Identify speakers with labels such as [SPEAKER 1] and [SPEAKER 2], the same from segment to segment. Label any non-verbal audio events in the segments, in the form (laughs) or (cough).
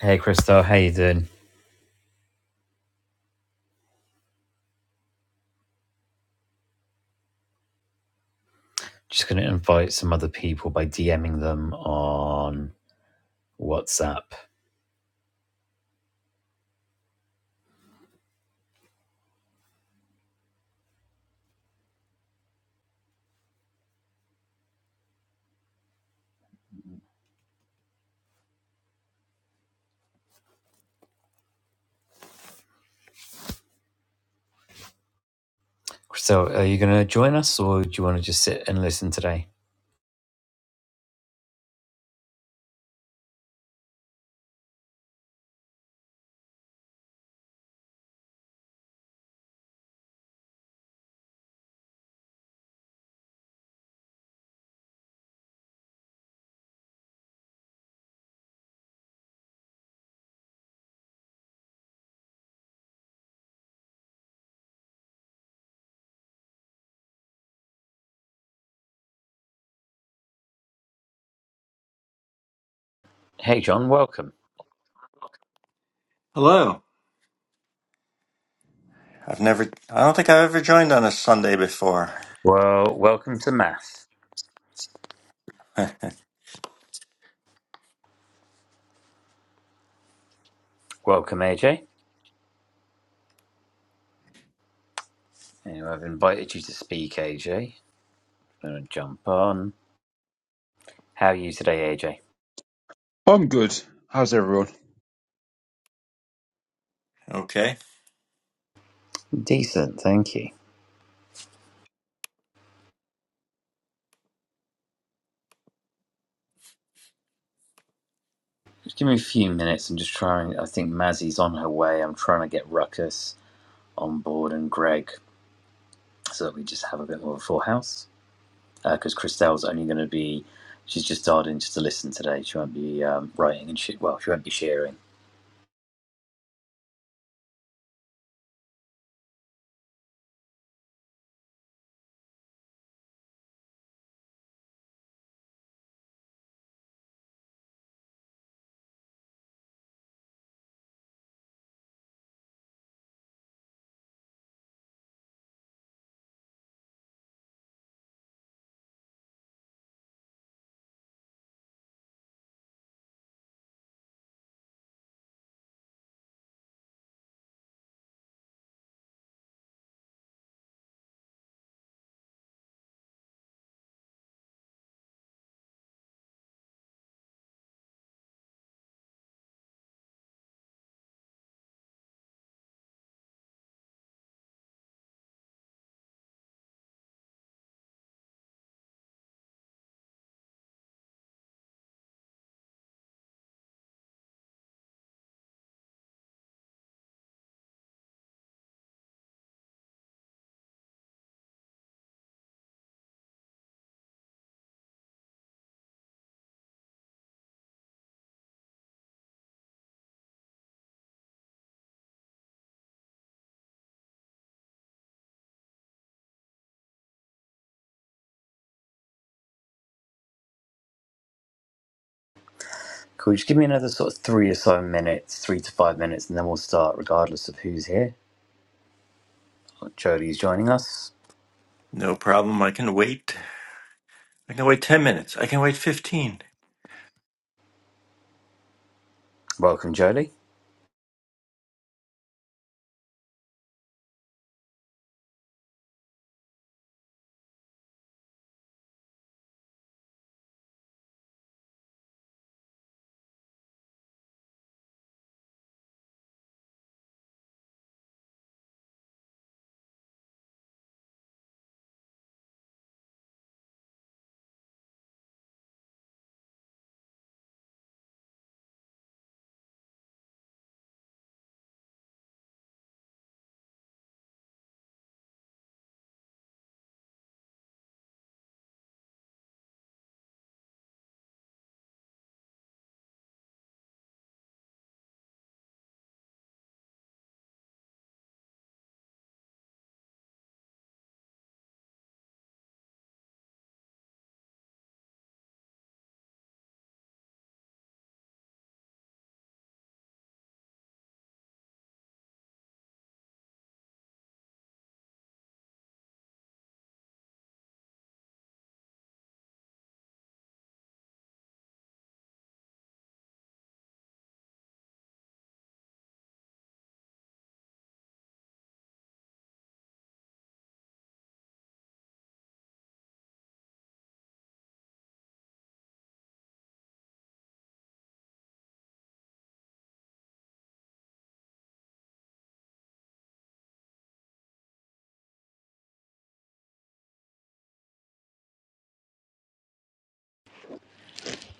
[SPEAKER 1] Hey, Crystal, how you doing? Just going to invite some other people by DMing them on WhatsApp. Crystal, are you going to join us or do you want to just sit and listen today? Hey, John, welcome.
[SPEAKER 2] Hello. I've never, I don't think I've ever joined on a Sunday before.
[SPEAKER 1] Well, welcome to Math.
[SPEAKER 2] (laughs)
[SPEAKER 1] Welcome, AJ. Anyway, I've invited you to speak, AJ. going to jump on. How are you today, AJ?
[SPEAKER 3] I'm good. How's everyone?
[SPEAKER 2] okay.
[SPEAKER 1] Decent, thank you. Just give me a few minutes. I'm just trying. I think Mazzy's on her way. I'm trying to get Ruckus on board and Greg so that we just have a bit more of a full house. because uh, Christelle's only going to be, she's just dialed in just to listen today. She won't be um, writing and shit. well, she won't be sharing. Cool. Just give me another sort of three or so minutes, three to five minutes, and then we'll start regardless of who's here. Well, Jolie's joining us.
[SPEAKER 2] No problem. I can wait. I can wait 10 minutes. I can wait 15.
[SPEAKER 1] Welcome, Jolie.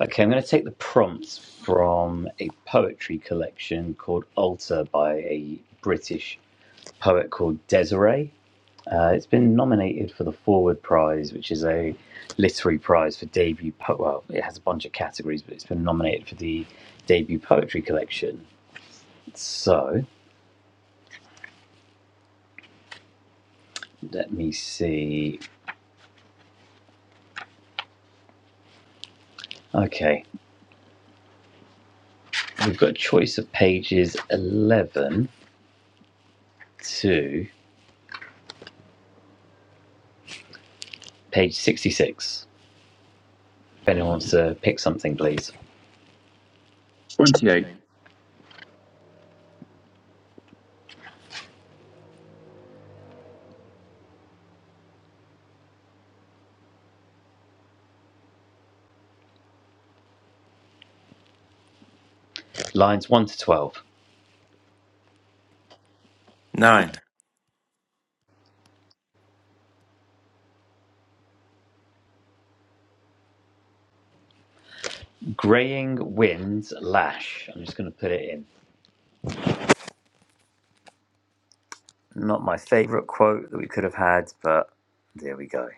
[SPEAKER 1] Okay, I'm going to take the prompt from a poetry collection called Alter by a British poet called Desiree. Uh, it's been nominated for the Forward Prize, which is a literary prize for debut. Po- well, it has a bunch of categories, but it's been nominated for the debut poetry collection. So let me see. Okay, we've got a choice of pages 11 to page 66. If anyone wants to pick something, please.
[SPEAKER 3] 28.
[SPEAKER 1] Lines 1 to 12.
[SPEAKER 2] Nine.
[SPEAKER 1] Graying winds lash. I'm just going to put it in. Not my favourite quote that we could have had, but there we go.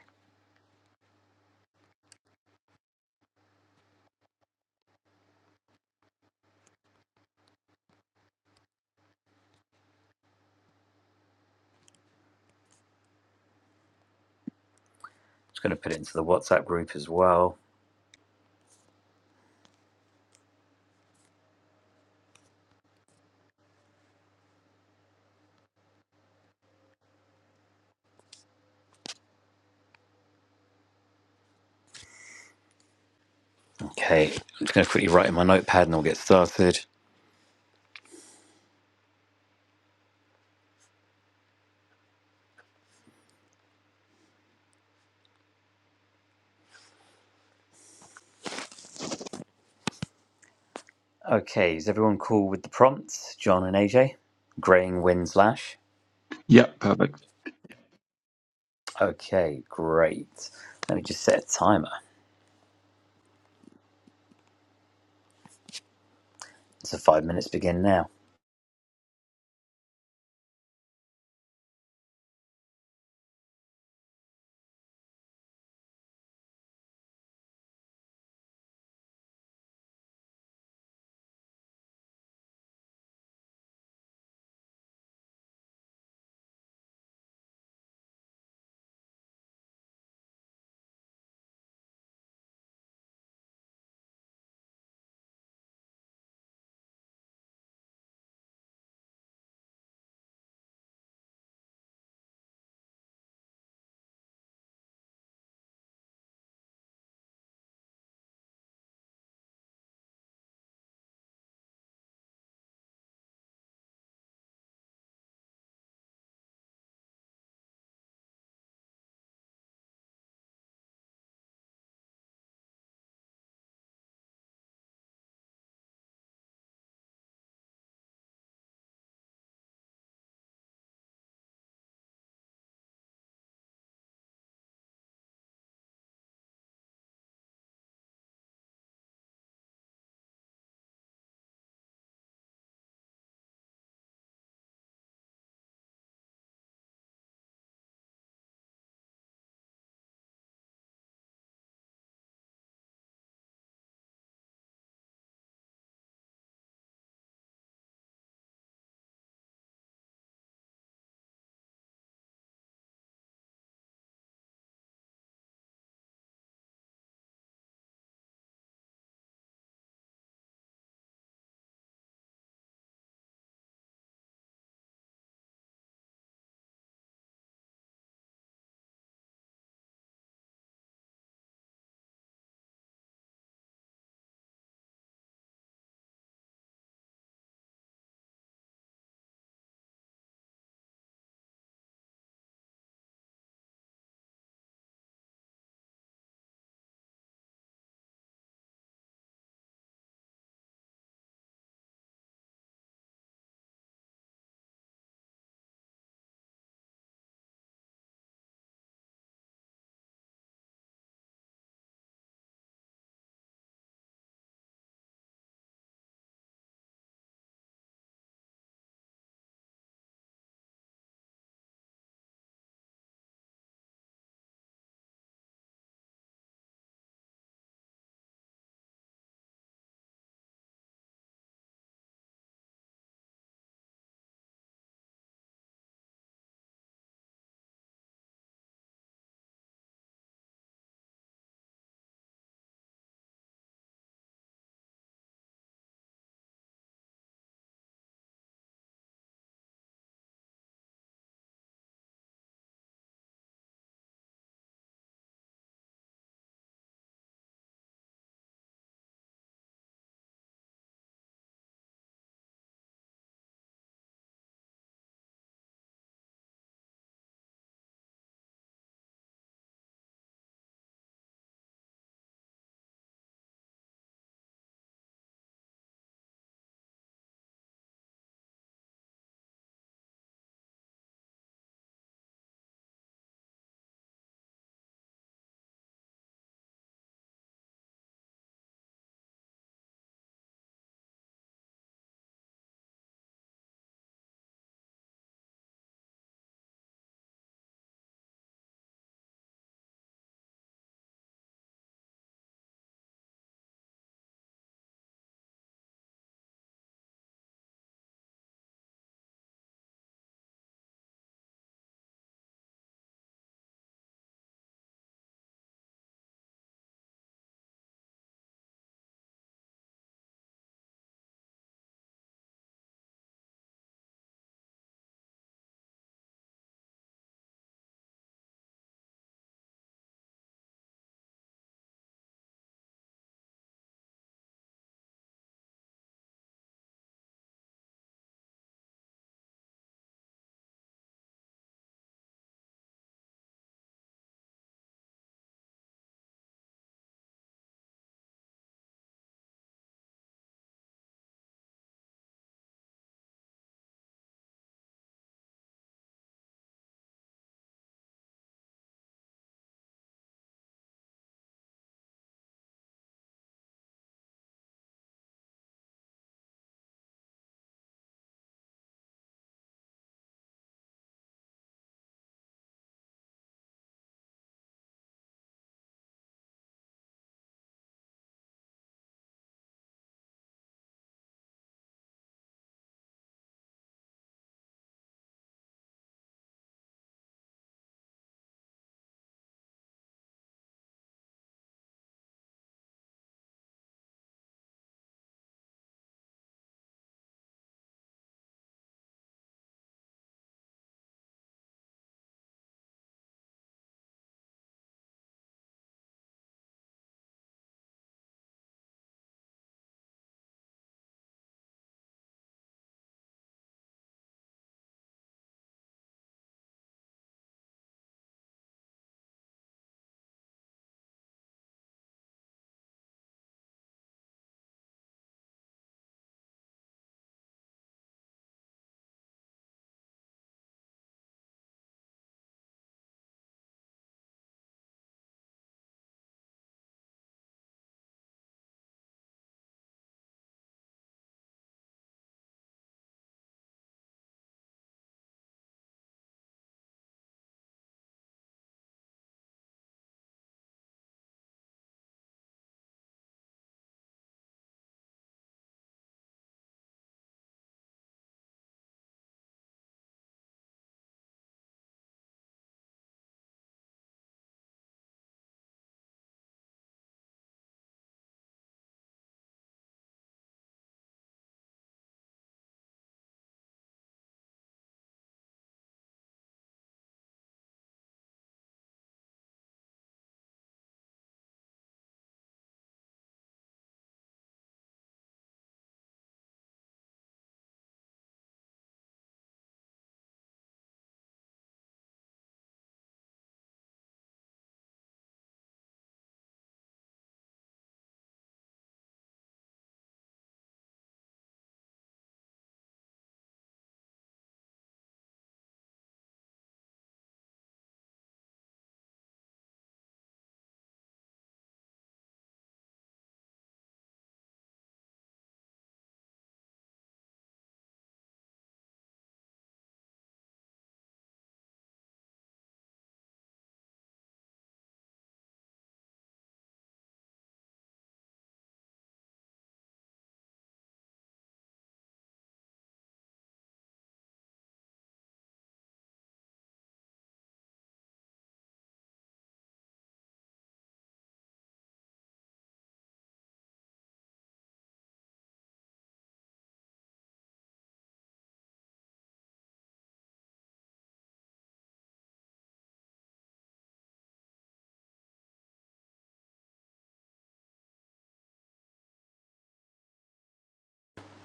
[SPEAKER 1] just going to put it into the WhatsApp group as well. Okay, I'm just going to quickly write in my notepad and we'll get started. Okay, is everyone cool with the prompts? John and AJ? Graying winds lash?
[SPEAKER 3] Yep, perfect.
[SPEAKER 1] Okay, great. Let me just set a timer. So five minutes begin now.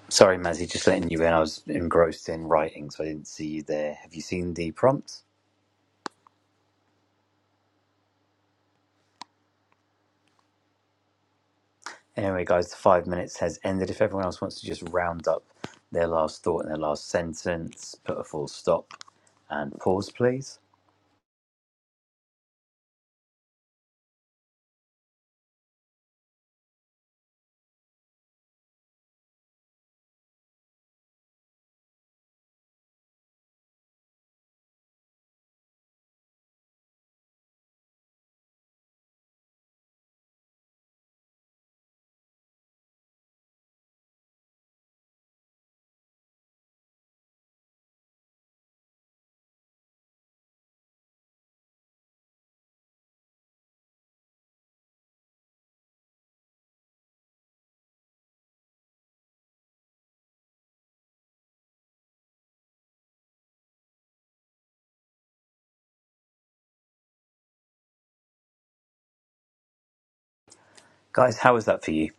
[SPEAKER 1] Sorry, Mazzy, just letting you in. I was engrossed in writing, so I didn't see you there. Have you seen the prompt? Anyway, guys, the five minutes has ended. If everyone else wants to just round up their last thought and their last sentence, put a full stop and pause, please. Guys, how was that for you?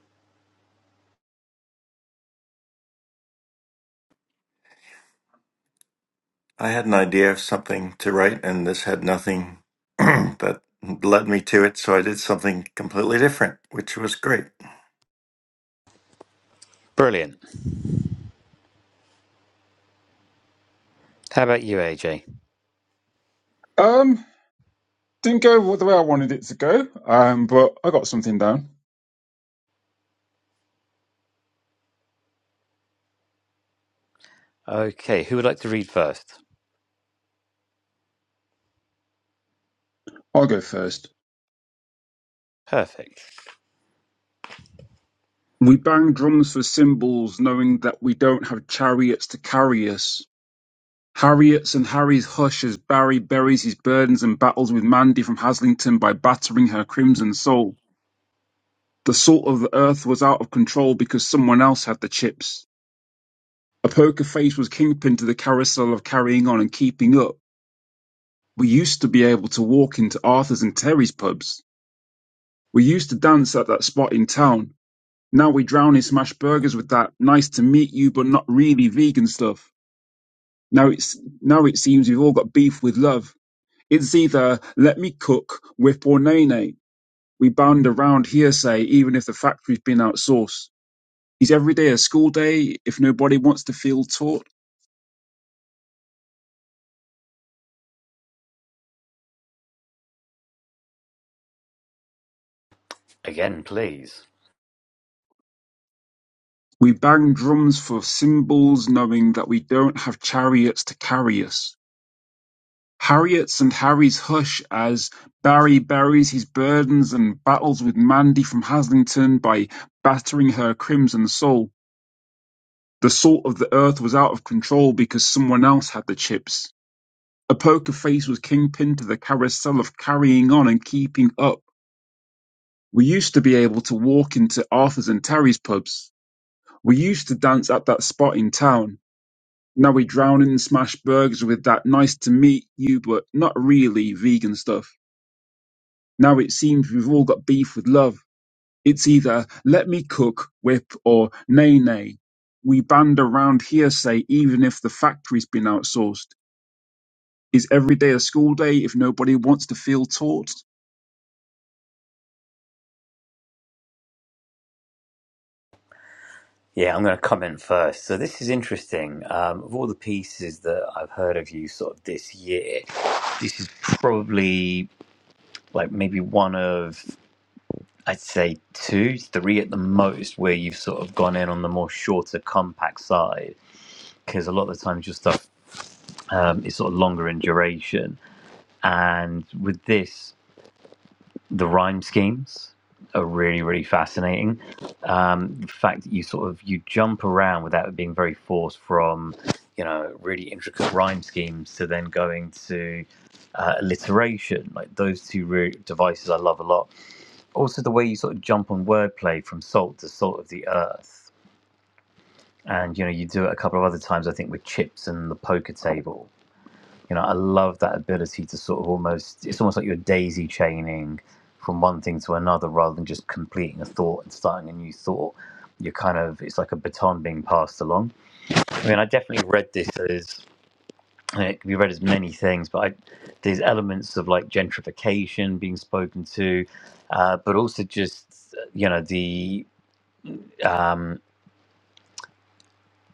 [SPEAKER 2] I had an idea of something to write, and this had nothing (clears throat) that led me to it, so I did something completely different, which was great.
[SPEAKER 1] Brilliant. How about you, AJ?
[SPEAKER 3] Um, didn't go the way I wanted it to go, um, but I got something down.
[SPEAKER 1] Okay, who would like to read first?
[SPEAKER 3] I'll go first.
[SPEAKER 1] Perfect.
[SPEAKER 3] We bang drums for cymbals, knowing that we don't have chariots to carry us. Harriet's and Harry's hush as Barry buries his burdens and battles with Mandy from Haslington by battering her crimson soul. The salt of the earth was out of control because someone else had the chips. A poker face was kingpin to the carousel of carrying on and keeping up We used to be able to walk into Arthur's and Terry's pubs. We used to dance at that spot in town. Now we drown in smash burgers with that nice to meet you but not really vegan stuff. Now it's now it seems we've all got beef with love. It's either let me cook, whip or nay nay. We bound around hearsay even if the factory's been outsourced. Is every day a school day if nobody wants to feel taught?
[SPEAKER 1] Again, please.
[SPEAKER 3] We bang drums for cymbals knowing that we don't have chariots to carry us. Harriet's and Harry's Hush as Barry buries his burdens and battles with Mandy from Haslington by battering her crimson soul. The salt of the earth was out of control because someone else had the chips. A poker face was kingpin to the carousel of carrying on and keeping up. We used to be able to walk into Arthur's and Terry's pubs. We used to dance at that spot in town. Now we drown in smash burgers with that nice to meet you but not really vegan stuff. Now it seems we've all got beef with love. It's either let me cook, whip, or nay, nay. We band around hearsay even if the factory's been outsourced. Is every day a school day if nobody wants to feel taught?
[SPEAKER 1] Yeah, I'm going to come in first. So this is interesting. Um, of all the pieces that I've heard of you sort of this year, this is probably like maybe one of I'd say two, three at the most where you've sort of gone in on the more shorter, compact side. Because a lot of the times your stuff um, is sort of longer in duration, and with this. the rhyme schemes are really really fascinating um the fact that you sort of you jump around without it being very forced from you know really intricate rhyme schemes to then going to uh, alliteration like those two re- devices i love a lot also the way you sort of jump on wordplay from salt to salt of the earth and you know you do it a couple of other times i think with chips and the poker table you know, I love that ability to sort of almost, it's almost like you're daisy chaining from one thing to another rather than just completing a thought and starting a new thought. You're kind of, it's like a baton being passed along. I mean, I definitely read this as, and it can be read as many things, but I, there's elements of like gentrification being spoken to, uh, but also just, you know, the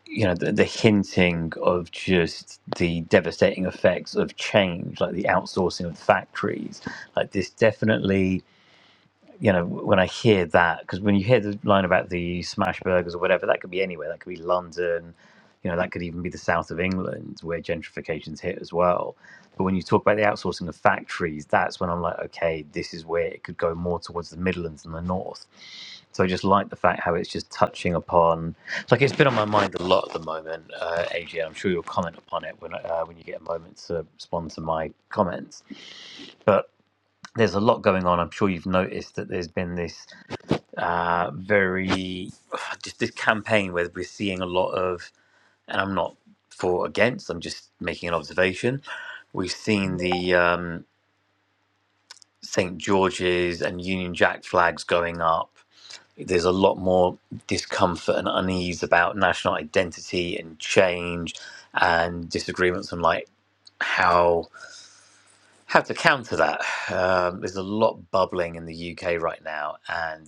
[SPEAKER 1] you know the, the hinting of just the devastating effects of change like the outsourcing of factories like this definitely you know, when I hear that, because when you hear the line about the smash burgers or whatever, that could be anywhere. That could be London, you know, that could even be the south of England where gentrification's hit as well. But when you talk about the outsourcing of factories, that's when I'm like, okay, this is where it could go more towards the Midlands and the north. So I just like the fact how it's just touching upon. It's like it's been on my mind a lot at the moment, uh, AJ. I'm sure you'll comment upon it when uh, when you get a moment to respond to my comments. But there's a lot going on. I'm sure you've noticed that there's been this uh, very (sighs) just this campaign where we're seeing a lot of, and I'm not for or against. I'm just making an observation. We've seen the um, St George's and Union Jack flags going up. There's a lot more discomfort and unease about national identity and change, and disagreements on like how how to counter that. (sighs) Um, there's a lot bubbling in the UK right now, and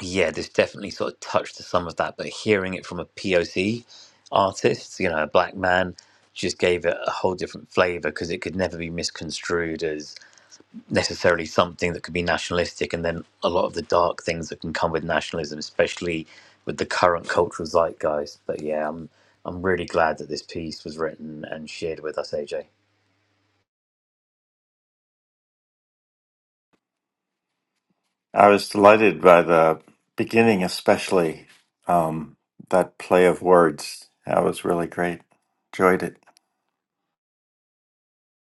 [SPEAKER 1] yeah, this definitely sort of touched to some of that, but hearing it from a POC artist, you know, a black man, just gave it a whole different flavor because it could never be misconstrued as necessarily something that could be nationalistic. And then a lot of the dark things that can come with nationalism, especially with the current cultural zeitgeist. But yeah, I'm I'm really glad that this piece was written and shared with us, AJ.
[SPEAKER 2] I was delighted by the beginning, especially um, that play of words. That was really great. Enjoyed it.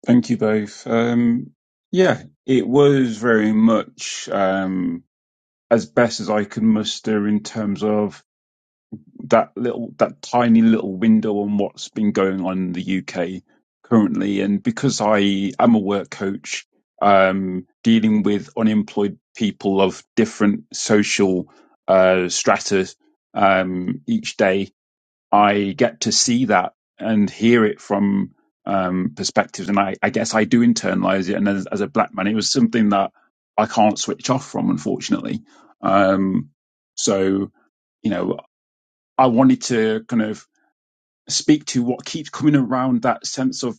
[SPEAKER 3] Thank you both. Um, yeah, it was very much um, as best as I could muster in terms of that little that tiny little window on what's been going on in the UK currently. And because I am a work coach, um, dealing with unemployed people of different social uh, strata um, each day, I get to see that and hear it from um, perspectives. And I, I guess I do internalize it. And as, as a black man, it was something that I can't switch off from, unfortunately. Um, so, you know, I wanted to kind of speak to what keeps coming around that sense of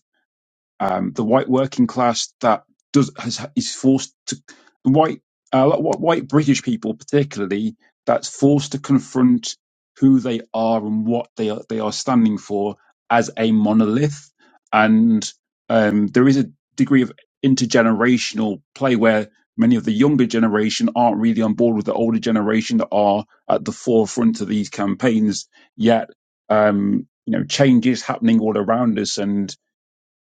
[SPEAKER 3] um, the white working class that does has, is forced to white uh, lot- wh- white British people particularly that's forced to confront who they are and what they are they are standing for as a monolith, and um, there is a degree of intergenerational play where many of the younger generation aren't really on board with the older generation that are at the forefront of these campaigns yet um, you know change is happening all around us and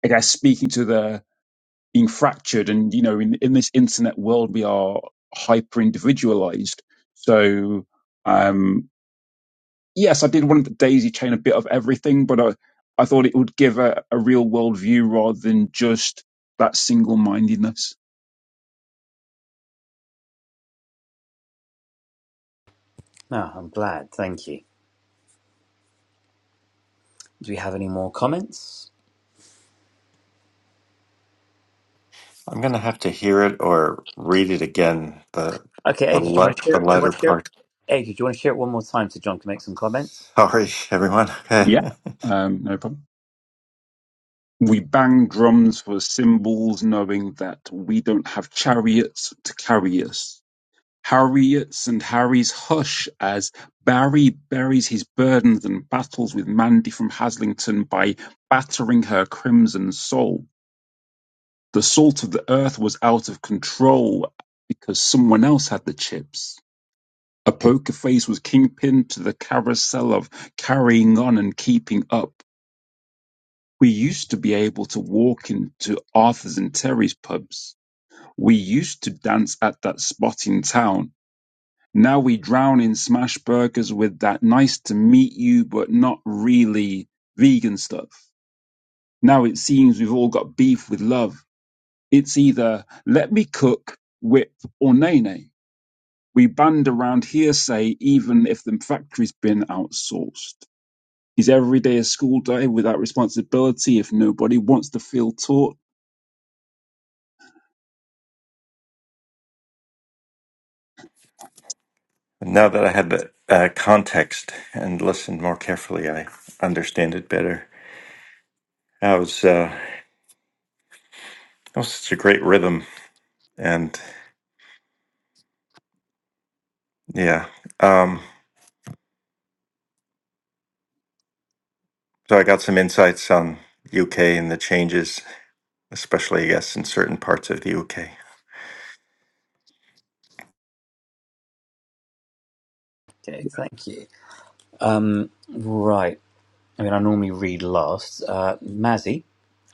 [SPEAKER 3] I guess speaking to the being fractured and you know in, in this internet world we are hyper individualized so um yes I did want the daisy chain a bit of everything but I I thought it would give a, a real world view rather than just that single mindedness
[SPEAKER 1] No, I'm glad. Thank you. Do we have any more comments?
[SPEAKER 2] I'm gonna have to hear it or read it again. The
[SPEAKER 1] Okay,
[SPEAKER 2] the
[SPEAKER 1] Adrian, do you
[SPEAKER 2] let
[SPEAKER 1] want to share
[SPEAKER 2] the
[SPEAKER 1] it? Do you
[SPEAKER 2] latter
[SPEAKER 1] want to share it?
[SPEAKER 2] part.
[SPEAKER 1] Adrian, do you want to share it one more time so John can make some comments?
[SPEAKER 2] Sorry, everyone. Okay.
[SPEAKER 3] yeah um no problem we bang drums for cymbals knowing that we don't have chariots to carry us Harriet's and Harry's Hush as Barry buries his burdens and battles with Mandy from Haslington by battering her crimson soul. The salt of the earth was out of control because someone else had the chips. A poker face was kingpin to the carousel of carrying on and keeping up. We used to be able to walk into Arthur's and Terry's pubs. We used to dance at that spot in town Now we drown in smash burgers with that nice to meet you but not really vegan stuff. Now it seems we've all got beef with love. It's either let me cook, whip, or nay nay. We band around hearsay even if the factory's been outsourced. Is every day a school day without responsibility if nobody wants to feel taught?
[SPEAKER 2] (laughs) now that I had the uh, context and listened more carefully, I understand it better. That was uh, that was such a great rhythm, and yeah. Um, so I got some insights on UK and the changes, especially I guess in certain parts of the UK.
[SPEAKER 1] Okay, thank you. Um, right. I mean, I normally read last. Uh, Mazzy,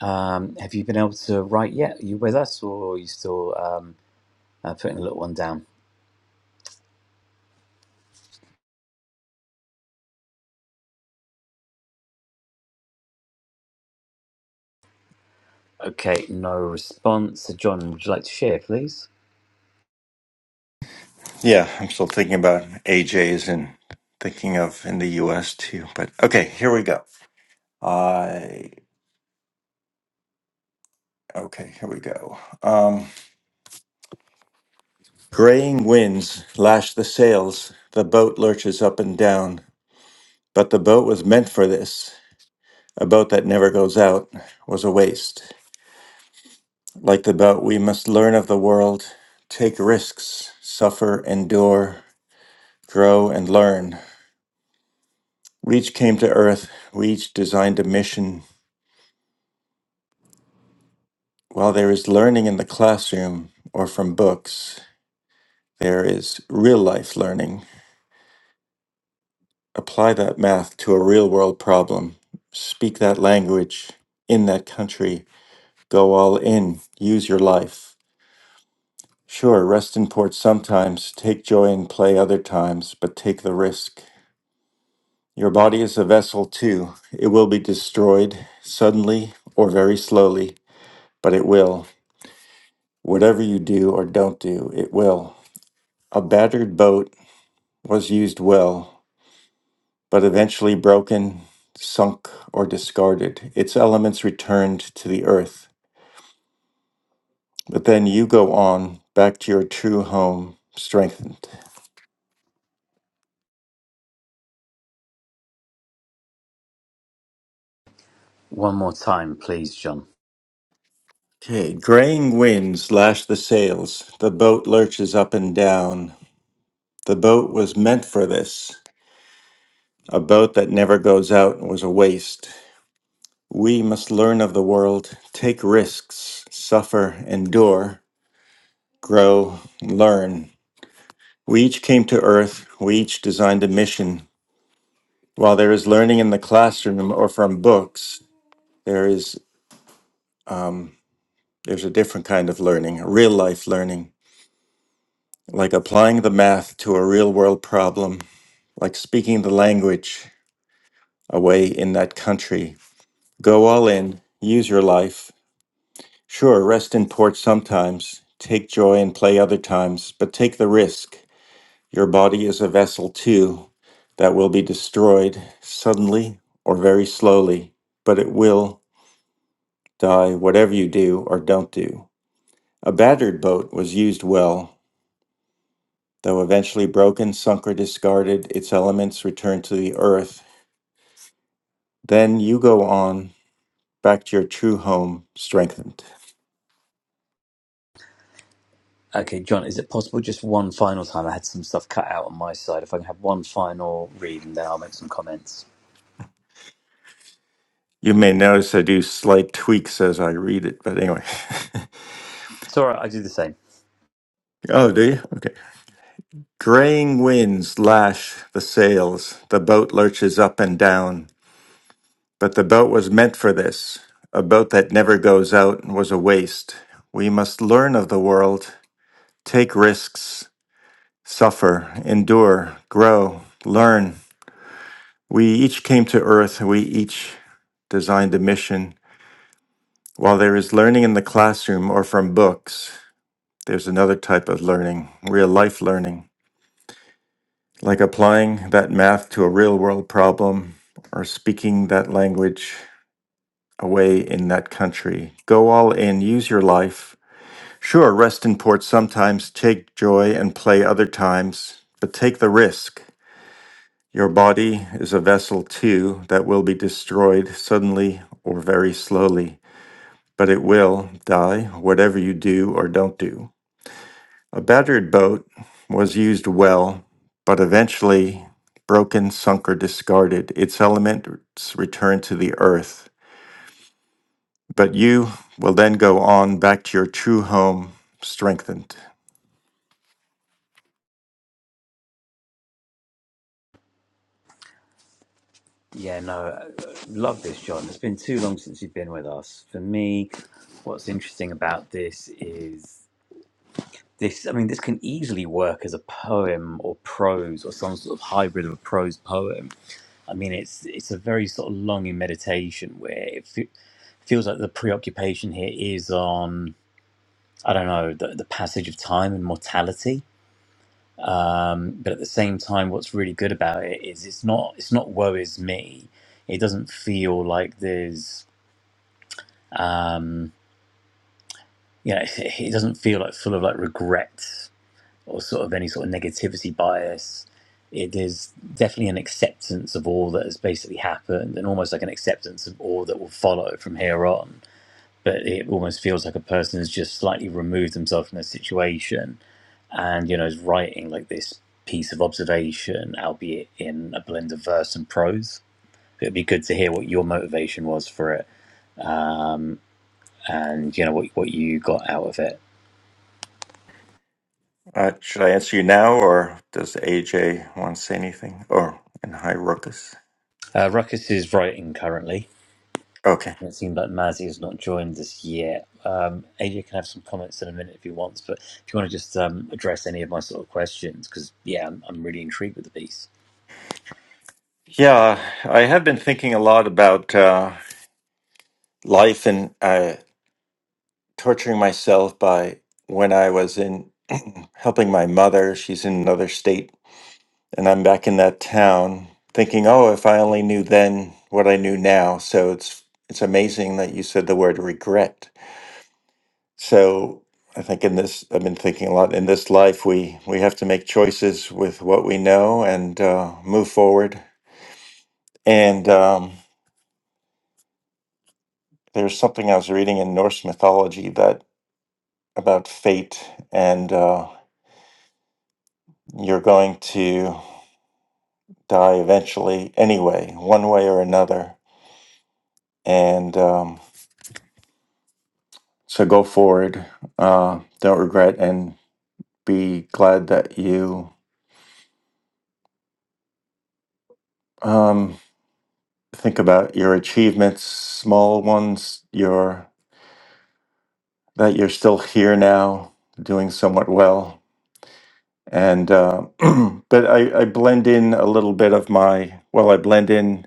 [SPEAKER 1] um, have you been able to write yet? Are you with us or are you still um, uh, putting the little one down? Okay, no response. So, John, would you like to share, please?
[SPEAKER 2] Yeah, I'm still thinking about AJ's and thinking of in the US too. But okay, here we go. I okay, here we go. Um, graying winds lash the sails, the boat lurches up and down, but the boat was meant for this. A boat that never goes out was a waste. Like the boat, we must learn of the world, take risks, suffer, endure, grow, and learn. We each came to Earth, we each designed a mission. While there is learning in the classroom or from books, there is real life learning apply that math to a real world problem, speak that language in that country, go all in, use your life. Sure, rest in port sometimes, take joy in play other times, but take the risk. Your body is a vessel too. It will be destroyed suddenly or very slowly, but it will. Whatever you do or don't do, it will. A battered boat was used well but eventually broken, sunk, or discarded. Its elements returned to the earth. But then you go on back to your true home, strengthened.
[SPEAKER 1] One more time, please, John.
[SPEAKER 2] Okay, graying winds lash the sails. The boat lurches up and down. The boat was meant for this. A boat that never goes out was a waste. We must learn of the world, take risks, suffer, endure, grow, learn. We each came to Earth. We each designed a mission. While there is learning in the classroom or from books, there is um, there's a different kind of learning, real life learning, like applying the math to a real world problem, like speaking the language away in that country. Go all in, use your life. Sure, rest in port sometimes, take joy and play other times, but take the risk. Your body is a vessel too that will be destroyed suddenly or very slowly, but it will. die, whatever you do or don't do. A battered boat was used well, though eventually broken, sunk, or discarded, its elements returned to the earth. Then you go on back to your true home, strengthened.
[SPEAKER 1] Okay, John, is it possible just one final time? I had some stuff cut out on my side. If I can have one final read and then I'll make some comments.
[SPEAKER 2] You may notice I do slight tweaks as I read it, but anyway.
[SPEAKER 1] It's all right, I do the same.
[SPEAKER 2] (laughs) oh, do you? Okay. Graying winds lash the sails. The boat lurches up and down. But the boat was meant for this. A boat that never goes out was a waste. We must learn of the world take risks, suffer, endure, grow, learn. We each came to Earth, we each designed a mission. While there is learning in the classroom or from books, there's another type of learning, real life learning, like applying that math to a real world problem or speaking that language away in that country. Go all in, use your life. Sure, rest in port sometimes, take joy and play other times, but take the risk. Your body is a vessel too that will be destroyed suddenly or very slowly, but it will die whatever you do or don't do. A battered boat was used well, but eventually broken, sunk, or discarded. Its elements return to the earth, but you will then go on back to your true home, strengthened.
[SPEAKER 1] Yeah, no, uh, love this, John. It's been too long since you've been with us. For me, what's interesting about this is this. I mean, this can easily work as a poem or prose or some sort of hybrid of a prose poem. I mean, it's it's a very sort of longing meditation where it fe- feels like the preoccupation here is on I don't know the, the passage of time and mortality. Um, but at the same time, what's really good about it is it's not it's not woe is me. It doesn't feel like there's you know, it it doesn't feel like full of like regret or sort of any sort of negativity bias. It is definitely an acceptance of all that has basically happened and almost like an acceptance of all that will follow from here on. But it almost feels like a person has just slightly removed themselves from the situation and, you know, is writing like this piece of observation, albeit in a blend of verse and prose. It'd be good to hear what your motivation was for it and, you know, what, what you got out of it.
[SPEAKER 2] Uh, should I answer you now, or does AJ want to say anything? Or in Hyrocus?
[SPEAKER 1] Uh, Ruckus is writing currently
[SPEAKER 2] Okay.
[SPEAKER 1] It seems like Mazzy has not joined us yet. Um, AJ can have some comments in a minute if he wants, but if you want to just um, address any of my sort of questions, because yeah, I'm, I'm really intrigued with the piece.
[SPEAKER 2] Yeah, I have been thinking a lot about uh, life and uh, torturing myself by when I was in (clears throat) helping my mother. She's in another state, and I'm back in that town. Thinking, oh, if I only knew then what I knew now. So it's it's amazing that you said the word regret. So I think in this, I've been thinking a lot. In this life, we we have to make choices with what we know and uh, move forward. And um, There's something I was reading in Norse mythology that about fate and uh, you're going to die eventually anyway, one way or another. And um, so go forward, uh, don't regret, and be glad that you um, think about your achievements, small ones, your that you're still here now, doing somewhat well and uh, (clears throat) but I, I blend in a little bit of my well i blend in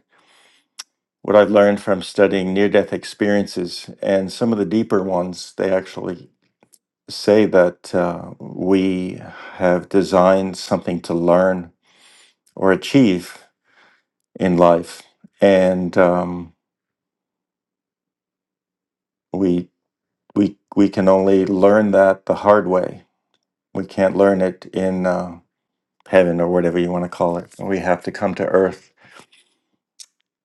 [SPEAKER 2] what I've learned from studying near death experiences and some of the deeper ones, they actually say that uh, we have designed something to learn or achieve in life. And um, we, we, we can only learn that the hard way. We can't learn it in uh, heaven or whatever you want to call it. We have to come to earth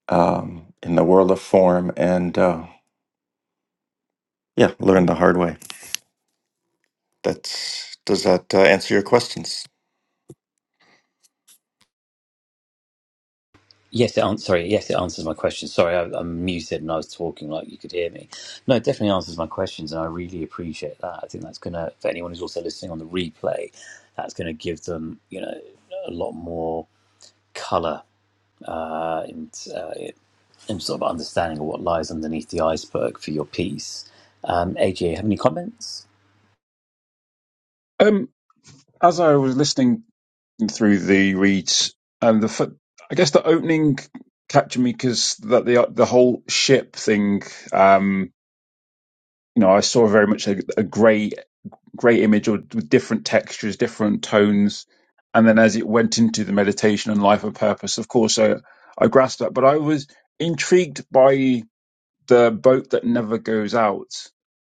[SPEAKER 2] um, in the world of form and, uh, yeah, learn the hard way. That's, does that uh, answer your questions?
[SPEAKER 1] Yes, it an- sorry. Yes, it answers my question. Sorry, I, I'm muted and I was talking like you could hear me. No, it definitely answers my questions, and I really appreciate that. I think that's gonna for anyone who's also listening on the replay, that's gonna give them you know a lot more color uh, and uh, and sort of understanding of what lies underneath the iceberg for your piece. Um, AJ, have any comments?
[SPEAKER 3] Um, as I was listening through the reeds and the fir- I guess the opening captured me because that the the whole ship thing, um, you know, I saw very much a, a grey grey image or with different textures, different tones, and then as it went into the meditation and life and purpose, of course, I, I grasped that. But I was intrigued by the boat that never goes out,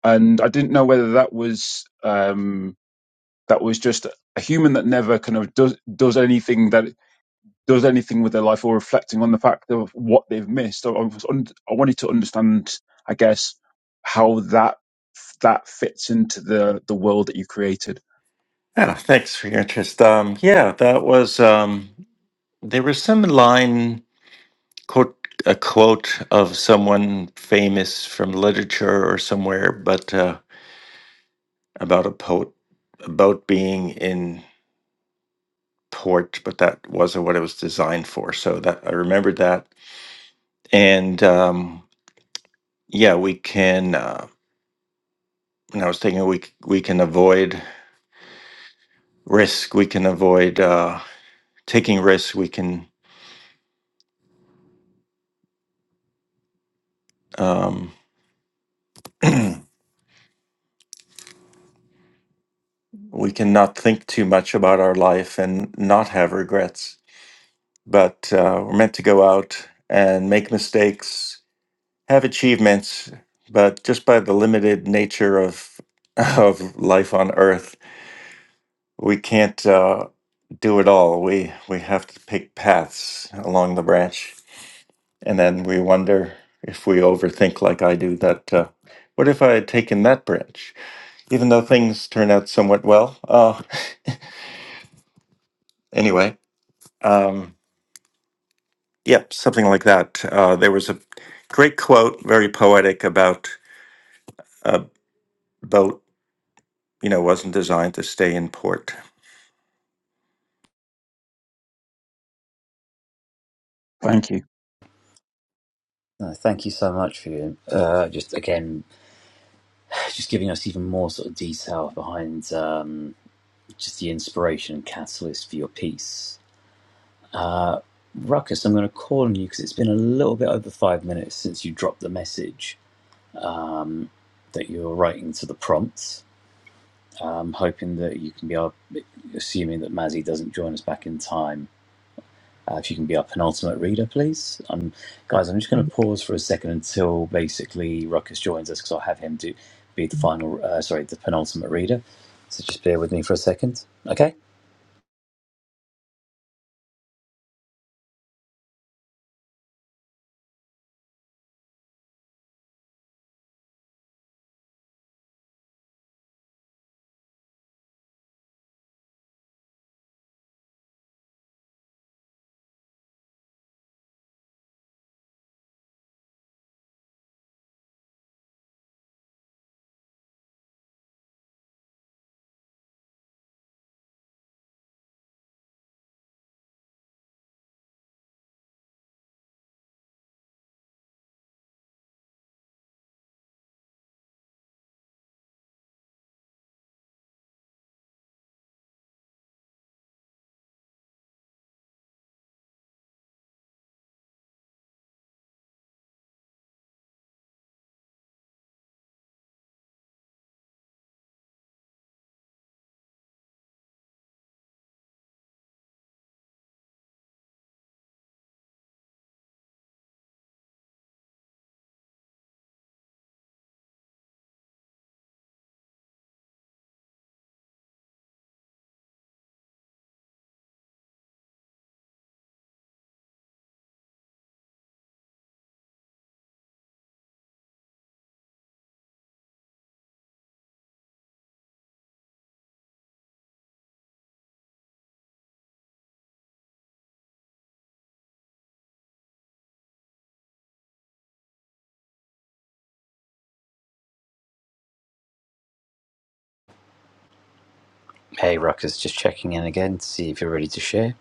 [SPEAKER 3] and I didn't know whether that was um, that was just a human that never kind of does does anything that does anything with their life or reflecting on the fact of what they've missed. I, I, was un- I wanted to understand, I guess, how that that fits into the the world that you created.
[SPEAKER 2] Yeah, thanks for your interest. Um, yeah, that was um, there was some line quote a quote of someone famous from literature or somewhere, but uh, about a poet about being in port, but that wasn't what it was designed for. So that I remembered that, and um, yeah, we can. Uh, and I was thinking we c- we can avoid risk, we can avoid uh, taking risks, we can. Um, we cannot think too much about our life and not have regrets. But uh, we're meant to go out and make mistakes, have achievements, but just by the limited nature of (laughs) of life on Earth, we can't uh, do it all. We we have to pick paths along the branch, and then we wonder if we overthink like I do that. Uh, what if I had taken that branch? Even though things turn out somewhat well. Uh, (laughs) anyway, um, Yep, something like that. Uh, there was a great quote, very poetic, about a boat, you know, wasn't designed to stay in port.
[SPEAKER 3] Thank you.
[SPEAKER 1] No, thank you so much for you. Uh, just again, (sighs) just giving us even more sort of detail behind um, just the inspiration and catalyst for your piece. Ruckus, I'm going to call on you because it's been a little bit over five minutes since you dropped the message that you're writing to the prompt. Um, hoping that you can be, our- assuming that Mazzy doesn't join us back in time, Uh, if you can be our penultimate reader, please. Um, guys, I'm just going to pause for a second until basically Ruckus joins us because I'll have him do be the final, uh, sorry, the penultimate reader. So just bear with me for a second, okay? Hey, Ruckus, just checking in again to see if you're ready to share.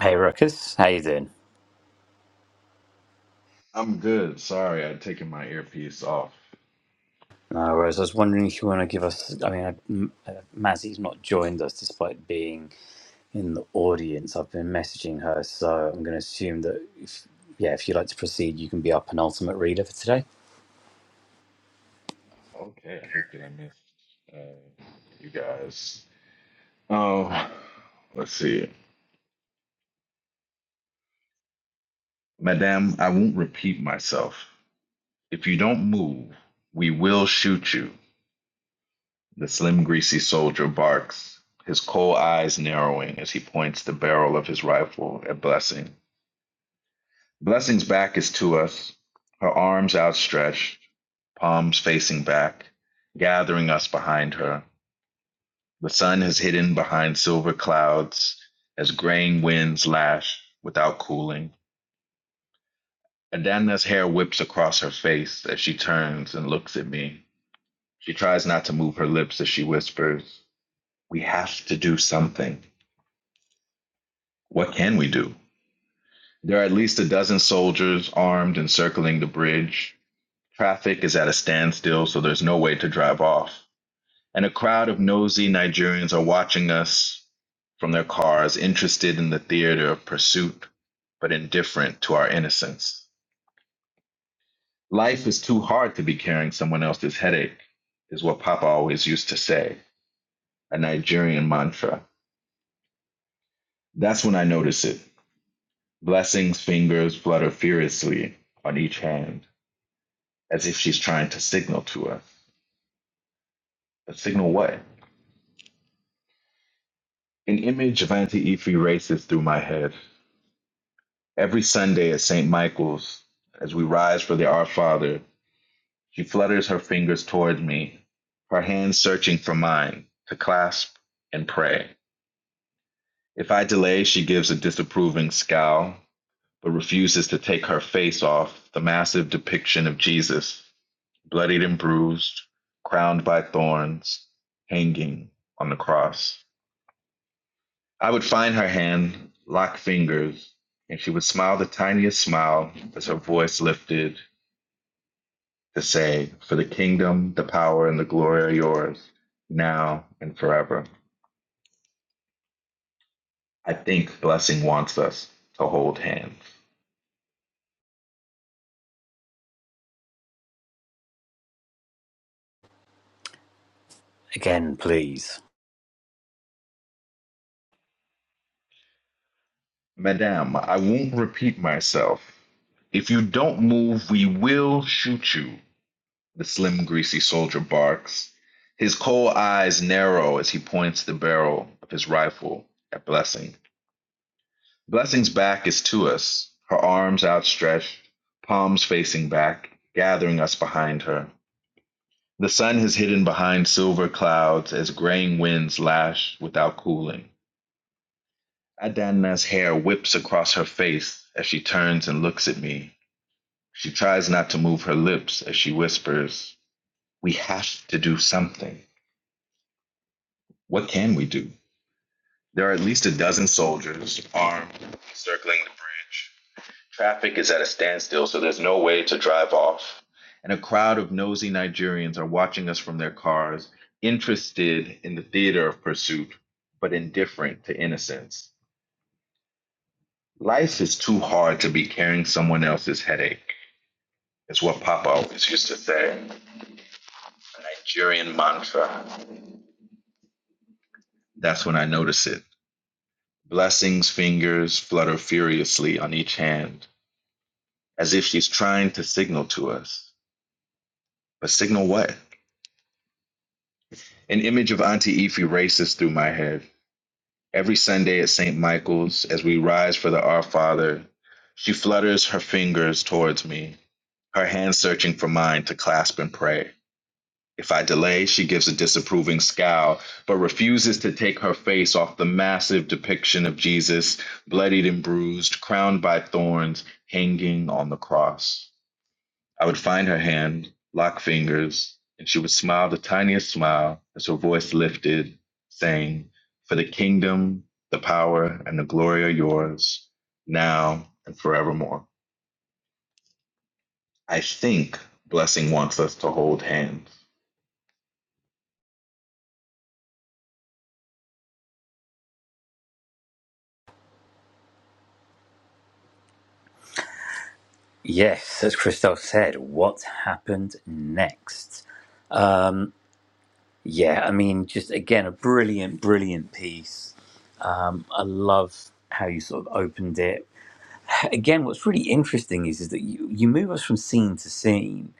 [SPEAKER 1] Hey, Ruckus, how you doing?
[SPEAKER 4] I'm good. Sorry, I'd taken my earpiece off.
[SPEAKER 1] No worries. I was wondering if you want to give us. I mean, I- M- uh, Mazzy's not joined us despite being in the audience. I've been messaging her, so I'm going to assume that if yeah, if you'd like to proceed, you can be our penultimate reader for today.
[SPEAKER 4] Okay, I hate that I missed uh, you guys. Oh, let's see. Madame, I won't repeat myself. If you don't move, we will shoot you. The slim, greasy soldier barks, his cold eyes narrowing as he points the barrel of his rifle at Blessing. Blessing's back is to us, her arms outstretched, palms facing back, gathering us behind her. The sun is hidden behind silver clouds as graying winds lash without cooling. Adana's hair whips across her face as she turns and looks at me. She tries not to move her lips as she whispers, We have to do something. What can we do? There are at least a dozen soldiers armed and circling the bridge. Traffic is at a standstill, so there's no way to drive off. and a crowd of nosy Nigerians are watching us from their cars, interested in the theater of pursuit, but indifferent to our innocence. Life is too hard to be carrying someone else's headache, is what Papa always used to say, a Nigerian mantra. That's when I notice it. Blessing's fingers flutter furiously on each hand, as if she's trying to signal to us. But signal what? An image of Auntie Ife races through my head. Every Sunday at St. Michael's, as we rise for the Our Father, she flutters her fingers toward me, her hands searching for mine to clasp and pray. If I delay, she gives a disapproving scowl, but refuses to take her face off the massive depiction of Jesus, bloodied and bruised, crowned by thorns, hanging on the cross. I would find her hand, lock fingers, and she would smile the tiniest smile as her voice lifted to say, For the kingdom, the power, and the glory are yours, now and forever. I think blessing wants us to hold hands.
[SPEAKER 1] Again, please.
[SPEAKER 4] Madame, I won't repeat myself. If you don't move, we will shoot you, the slim, greasy soldier barks. His coal eyes narrow as he points the barrel of his rifle at Blessing. Blessing's back is to us, her arms outstretched, palms facing back, gathering us behind her. The sun has hidden behind silver clouds as graying winds lash without cooling. Adana's hair whips across her face as she turns and looks at me. She tries not to move her lips as she whispers, We have to do something. What can we do? There are at least a dozen soldiers, armed, circling the bridge. Traffic is at a standstill, so there's no way to drive off. And a crowd of nosy Nigerians are watching us from their cars, interested in the theater of pursuit, but indifferent to innocence. Life is too hard to be carrying someone else's headache, is what Papa always used to say. A Nigerian mantra. That's when I notice it. Blessing's fingers flutter furiously on each hand, as if she's trying to signal to us. But signal what? An image of Auntie Efi races through my head. Every Sunday at St. Michael's, as we rise for the Our Father, she flutters her fingers towards me, her hands searching for mine to clasp and pray. If I delay, she gives a disapproving scowl, but refuses to take her face off the massive depiction of Jesus, bloodied and bruised, crowned by thorns, hanging on the cross. I would find her hand, lock fingers, and she would smile the tiniest smile as her voice lifted, saying, For the kingdom, the power, and the glory are yours, now and forevermore. I think Blessing wants us to hold hands.
[SPEAKER 1] Yes, as Christoph said, what happened next? Yeah, I mean, just again, a brilliant, brilliant piece. I love how you sort of opened it. Again, what's really interesting is, is that you, you move us from scene to scene.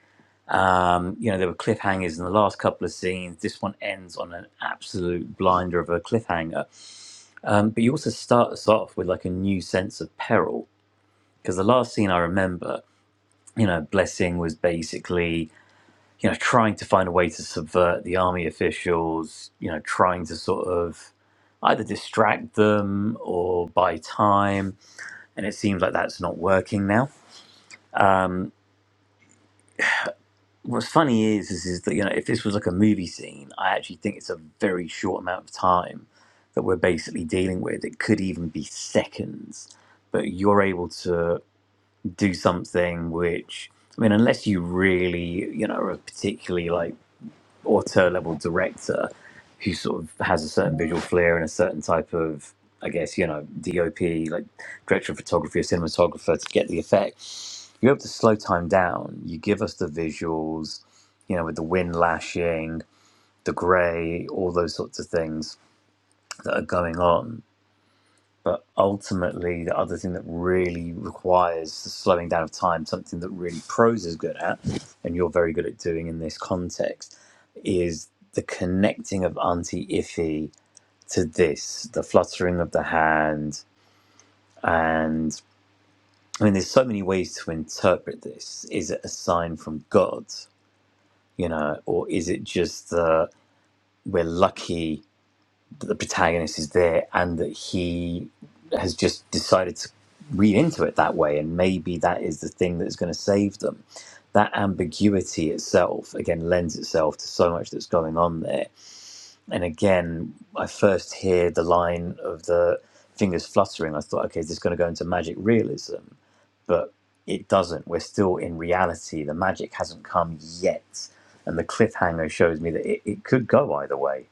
[SPEAKER 1] Um, you know, there were cliffhangers in the last couple of scenes. This one ends on an absolute blinder of a cliffhanger. Um, but you also start us off with like a new sense of peril. Because the last scene I remember, you know, Blessing was basically you know, trying to find a way to subvert the army officials, you know, trying to sort of either distract them or buy time. And it seems like that's not working now. What's funny is, is, is that, you know, if this was like a movie scene, I actually think it's a very short amount of time that we're basically dealing with. It could even be seconds, but you're able to do something which, I mean, unless you really, you know, are particularly like, auteur level director who sort of has a certain visual flair and a certain type of I guess you know DOP like director of photography or cinematographer to get the effect. You're able to slow time down. You give us the visuals, you know, with the wind lashing, the grey, all those sorts of things that are going on but ultimately, the other thing that really requires the slowing down of time, something that really prose is good at, and you're very good at doing in this context, is the connecting of Auntie Iffy to this, the fluttering of the hand. And I mean, there's so many ways to interpret this. Is it a sign from God, you know, or is it just that we're lucky that the protagonist is there and that he has just decided to read into it that way and maybe that is the thing that is going to save them that ambiguity itself again lends itself to so much that's going on there and again i first hear the line of the fingers fluttering i thought okay is this going to go into magic realism but it doesn't we're still in reality the magic hasn't come yet and the cliffhanger shows me that it, it could go either way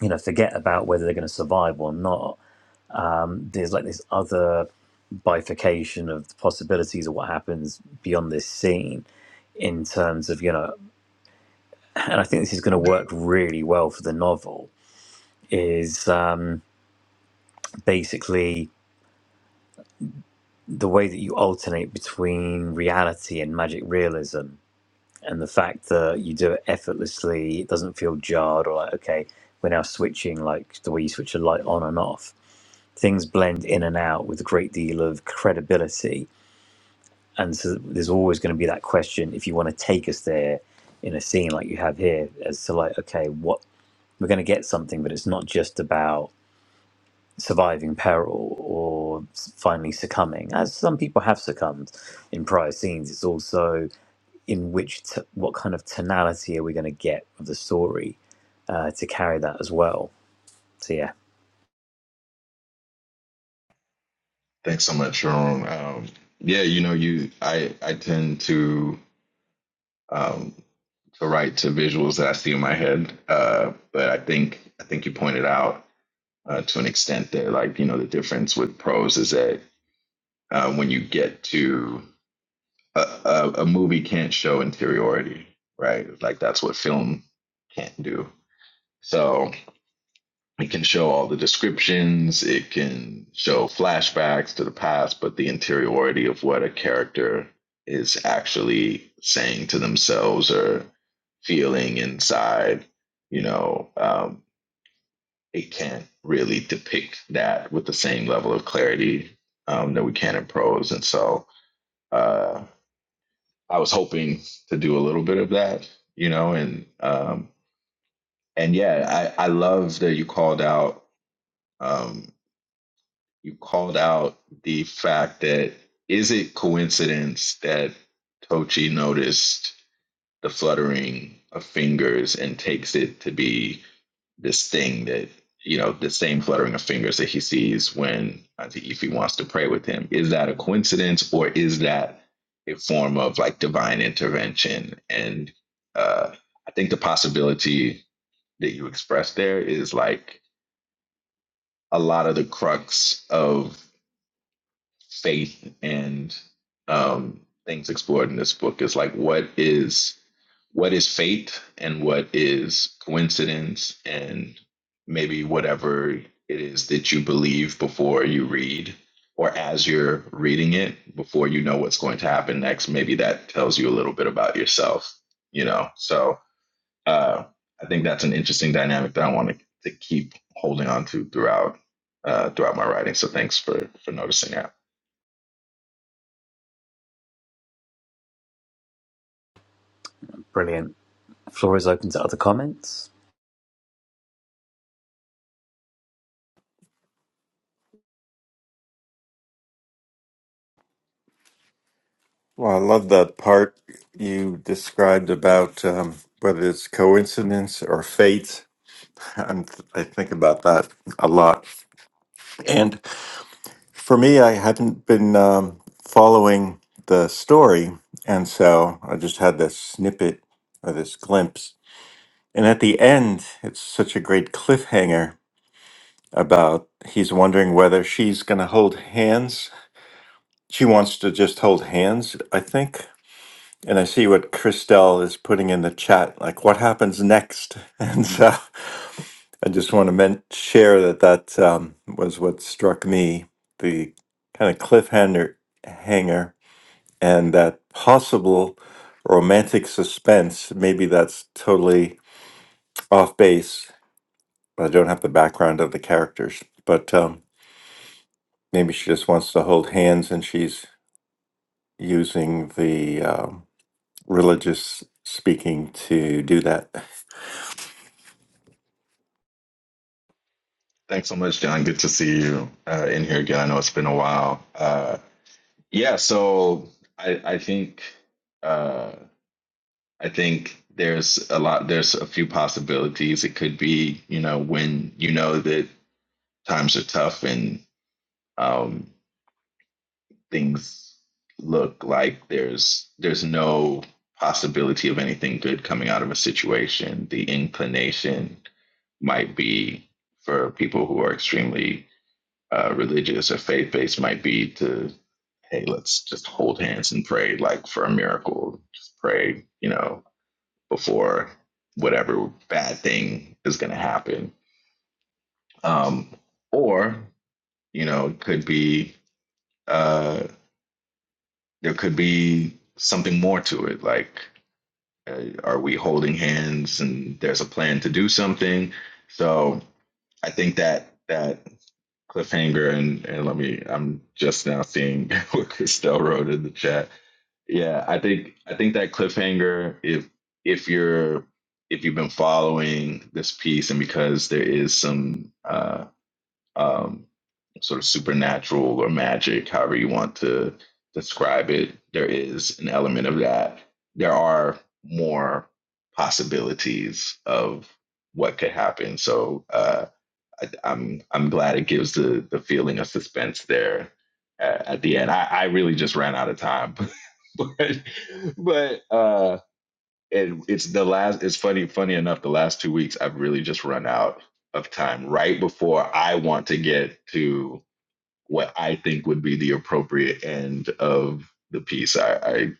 [SPEAKER 1] you know, forget about whether they're going to survive or not. There's like this other bifurcation of the possibilities of what happens beyond this scene in terms of, you know, (clears throat) and I think this is going to work really well for the novel, is um, basically the way that you alternate between reality and magic realism. and the fact that you do it effortlessly, it doesn't feel jarred or like, okay, we're now switching like the way you switch a light on and off. Things blend in and out with a great deal of credibility. And so there's always going to be that question if you want to take us there in a scene like you have here, as to like, okay, what we're going to get something, but it's not just about surviving peril or s- finally succumbing, as some people have succumbed in prior scenes. It's also in which t- what kind of tonality are we going to get of the story uh, to carry that as well. So yeah,
[SPEAKER 4] Thanks so much, Sharon. Um, yeah, you know, you I I tend to um, to write to visuals that I see in my head. Uh, but I think I think you pointed out uh, to an extent that like you know the difference with prose is that uh, when you get to a, a, a movie can't show interiority, right? Like that's what film can't do. So it can show all the descriptions, it can show flashbacks to the past, but the interiority of what a character is actually saying to themselves or feeling inside, you know, um, it can't really depict that with the same level of clarity um, that we can in prose. And so uh, I was hoping to do a little bit of that, you know, and um, and yeah, I, I love that you called out um, you called out the fact that is it coincidence that Tochi noticed the fluttering of fingers and takes it to be this thing that you know the same fluttering of fingers that he sees when Auntie Ify wants to pray with him. Is that a coincidence or is that a form of like divine intervention? And uh, I think the possibility that you expressed there is like a lot of the crux of faith and um, things explored in this book is like what is what is fate and what is coincidence and maybe whatever it is that you believe before you read or as you're reading it before you know what's going to happen next maybe that tells you a little bit about yourself you know so uh, i think that's an interesting dynamic that i want to, to keep holding on to throughout uh, throughout my writing so thanks for for noticing that
[SPEAKER 1] brilliant. Floor is open to other comments.
[SPEAKER 2] Well, I love that part you described about um, whether it's coincidence or fate. (laughs) And I think about that a lot. And for me, I hadn't been um, following the story. And so I just had this snippet or this glimpse. And at the end, it's such a great cliffhanger about he's wondering whether she's going to hold hands. She wants to just hold hands, I think. And I see what Christelle is putting in the chat, like what happens next. (laughs) And so I just want to men- share that that um, was what struck me the kind of cliffhanger hanger and that possible romantic suspense. Maybe that's totally off base. I don't have the background of the characters, but. Um, Maybe she just wants to hold hands and she's using the um, religious speaking to do that.
[SPEAKER 4] Thanks so much, John. Good to see you uh, in here again. I know it's been a while. Uh, yeah, so I, I think uh, I think there's a lot. There's a few possibilities. It could be, you know, when you know that times are tough and um, things look like there's there's no possibility of anything good coming out of a situation. The inclination might be for people who are extremely uh, religious or faith based might be to hey let's just hold hands and pray like for a miracle just pray you know before whatever bad thing is going to happen um, or you know it could be uh, there could be something more to it like uh, are we holding hands and there's a plan to do something so i think that that cliffhanger and and let me i'm just now seeing (laughs) what christelle wrote in the chat yeah i think i think that cliffhanger if if you're if you've been following this piece and because there is some uh um sort of supernatural or magic however you want to describe it there is an element of that there are more possibilities of what could happen so uh, I, I'm I'm glad it gives the the feeling of suspense there at, at the end. I, I really just ran out of time, (laughs) but but uh, it, it's the last. It's funny funny enough. The last two weeks, I've really just run out of time right before I want to get to what I think would be the appropriate end of the piece. I I,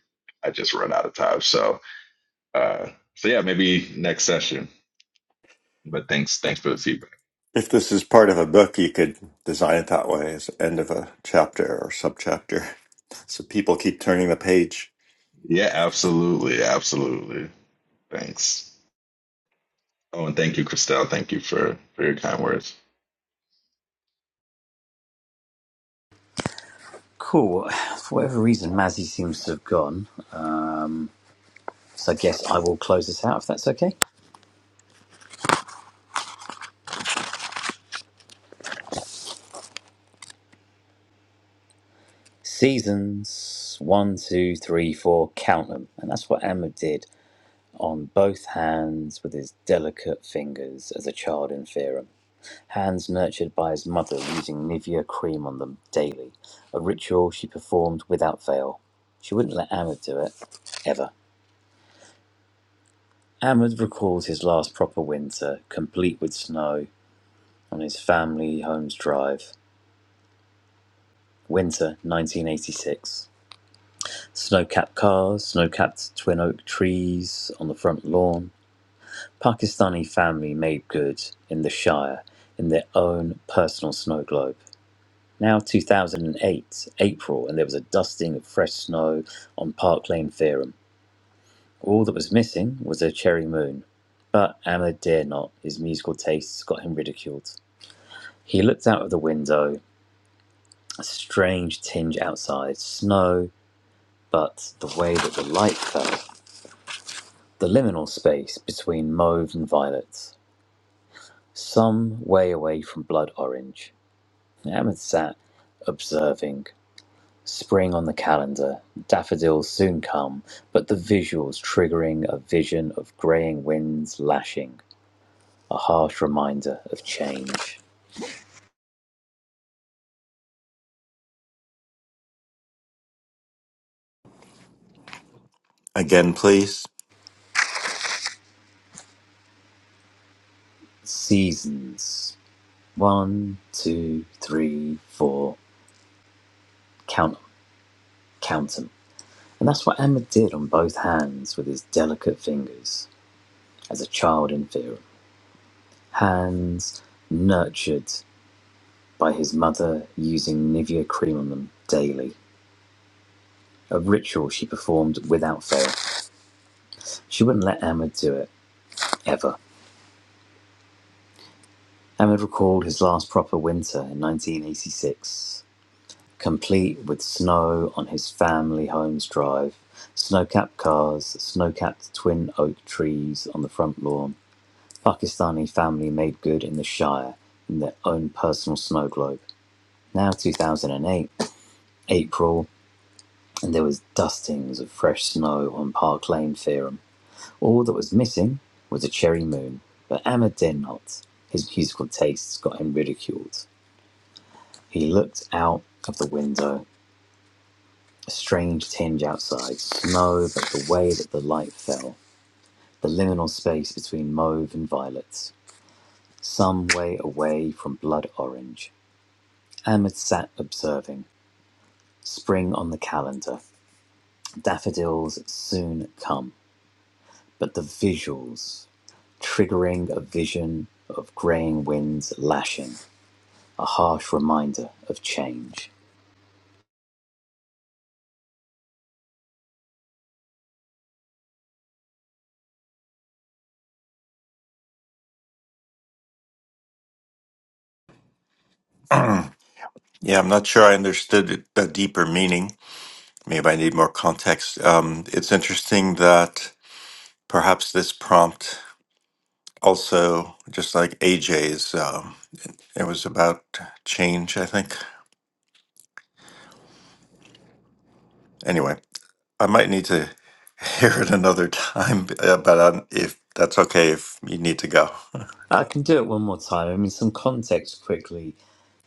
[SPEAKER 4] I just run out of time. So uh, so yeah, maybe next session. But thanks thanks for the feedback.
[SPEAKER 2] If this is part of a book, you could design it that way as end of a chapter or subchapter. So people keep turning the page.
[SPEAKER 4] Yeah, absolutely, absolutely. Thanks. Oh, and thank you, Christelle. Thank you for, for your kind words.
[SPEAKER 1] Cool. (sighs) For whatever reason, Mazzy seems to have gone, so I guess I will close this out if that's okay. Seasons one, two, three, four, count them, and that's what Emma did. on both hands with his delicate fingers as a child in Theorem. Hands nurtured by his mother using Nivea cream on them daily, a ritual she performed without fail. She wouldn't let Ahmed do it, ever. Ahmed recalls his last proper winter, complete with snow, on his family home's drive. Winter 1986. Snow capped cars, snow capped twin oak trees on the front lawn, Pakistani family made good in the Shire in their own personal snow globe. Now 2008, April, and there was a dusting of fresh snow on Park Lane Fairham. All that was missing was a cherry moon. But Ahmed dare not. His musical tastes got him ridiculed. He looked out of the window, a strange tinge outside, snow, but the way that the light fell, the liminal space between mauve and violet, some way away from blood orange. Ahmed sat observing. Spring on the calendar, daffodils soon come, but the visuals triggering a vision of greying winds lashing, a harsh reminder of change.
[SPEAKER 2] Again, please.
[SPEAKER 1] Seasons. One, two, three, four. Count 'em, count 'em. And that's what Emma did on both hands with his delicate fingers, as a child in fear. Hands nurtured by his mother using Nivea cream on them daily a ritual she performed without fail. She wouldn't let Ahmed do it, ever. Ahmed recalled his last proper winter in 1986, complete with snow on his family home's drive, snow capped cars, snow capped twin oak trees on the front lawn. Pakistani family made good in the Shire in their own personal snow globe. Now 2008, April, and there was dustings of fresh snow on Park Lane Theorem. All that was missing was a cherry moon, but Ahmed dare not. His musical tastes got him ridiculed. He looked out of the window, a strange tinge outside, snow, but the way that the light fell, the liminal space between mauve and violet, some way away from blood orange. Ahmed sat observing, spring on the calendar, daffodils soon come, but the visuals, triggering a vision of greying winds lashing. a harsh reminder of change.
[SPEAKER 2] Yeah, I'm not sure I understood it- the deeper meaning. Maybe I need more context. Um, it's interesting that perhaps this prompt also, just like AJ's, um, it was about change, I think. Anyway, I might need to (laughs) hear it another time, (laughs) uh, but um, if that's okay, if you need to go. (laughs)
[SPEAKER 1] I can do it one more time. I mean, some context quickly,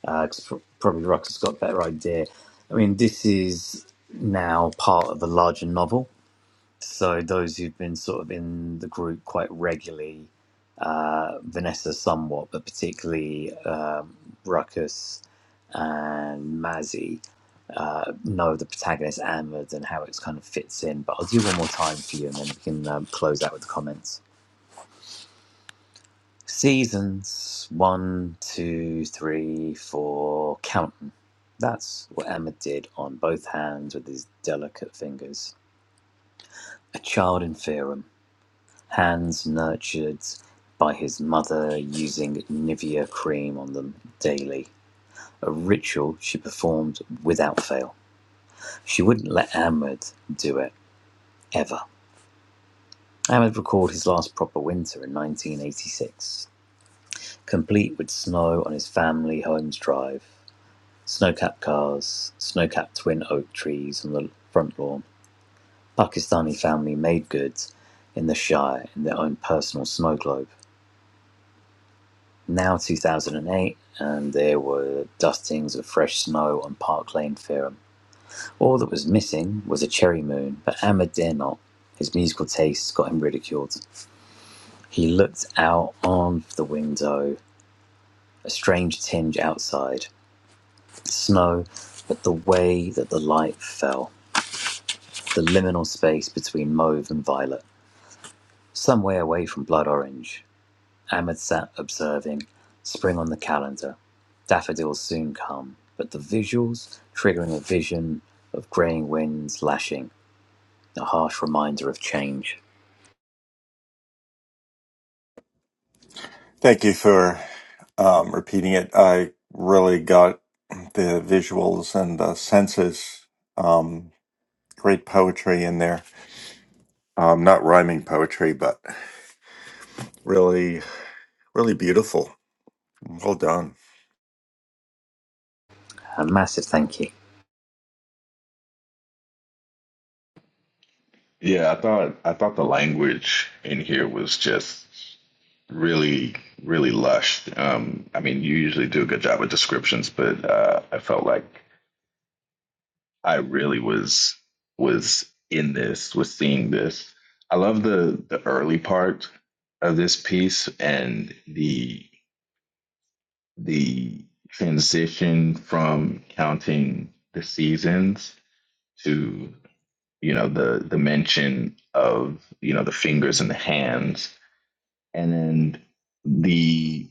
[SPEAKER 1] because probably Rucker's got a better idea. I mean, this is now part of a larger novel. So those who've been sort of in the group quite regularly, uh, Vanessa somewhat, but particularly um, Ruckus and Mazzy uh, know the protagonist Ahmed and how it's kind of fits in. But I'll do one more time for you, and then we can um, close out with the comments. Seasons one, two, three, four, counting. That's what Emma did on both hands with his delicate fingers. A child in Fearum, hands nurtured by his mother using Nivea cream on them daily, a ritual she performed without fail. She wouldn't let Ahmed do it, ever. Ahmed recalled his last proper winter in 1986, complete with snow on his family home's drive. Snow-capped cars, snow-capped twin oak trees on the front lawn. Pakistani family made goods in the Shire in their own personal snow globe. Now 2008, and there were dustings of fresh snow on Park Lane, Fareham. All that was missing was a cherry moon, but Ahmed dare not. His musical tastes got him ridiculed. He looked out on the window, a strange tinge outside, snow, but the way that the light fell. The liminal space between mauve and violet, some way away from blood orange. Ahmed sat observing, spring on the calendar. Daffodils soon come, but the visuals triggering a vision of greying winds lashing, a harsh reminder of change.
[SPEAKER 2] Thank you for um, repeating it. I really got the visuals and the senses. Um, great poetry in there. Um, not rhyming poetry, but really, really beautiful. Well done.
[SPEAKER 1] A massive thank you.
[SPEAKER 4] Yeah, I thought I thought the language in here was just really, really lush. Um, I mean, you usually do a good job with descriptions, but uh, I felt like I really was was in this, was seeing this. I love the the early part of this piece and the the transition from counting the seasons to you know the the mention of you know the fingers and the hands and then the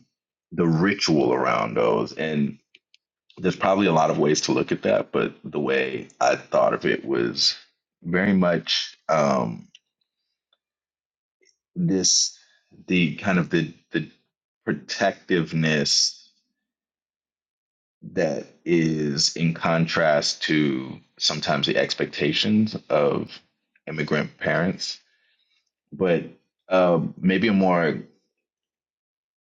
[SPEAKER 4] the ritual around those and there's probably a lot of ways to look at that but the way i thought of it was very much um this the kind of the the protectiveness that is in contrast to sometimes the expectations of immigrant parents but uh, maybe a more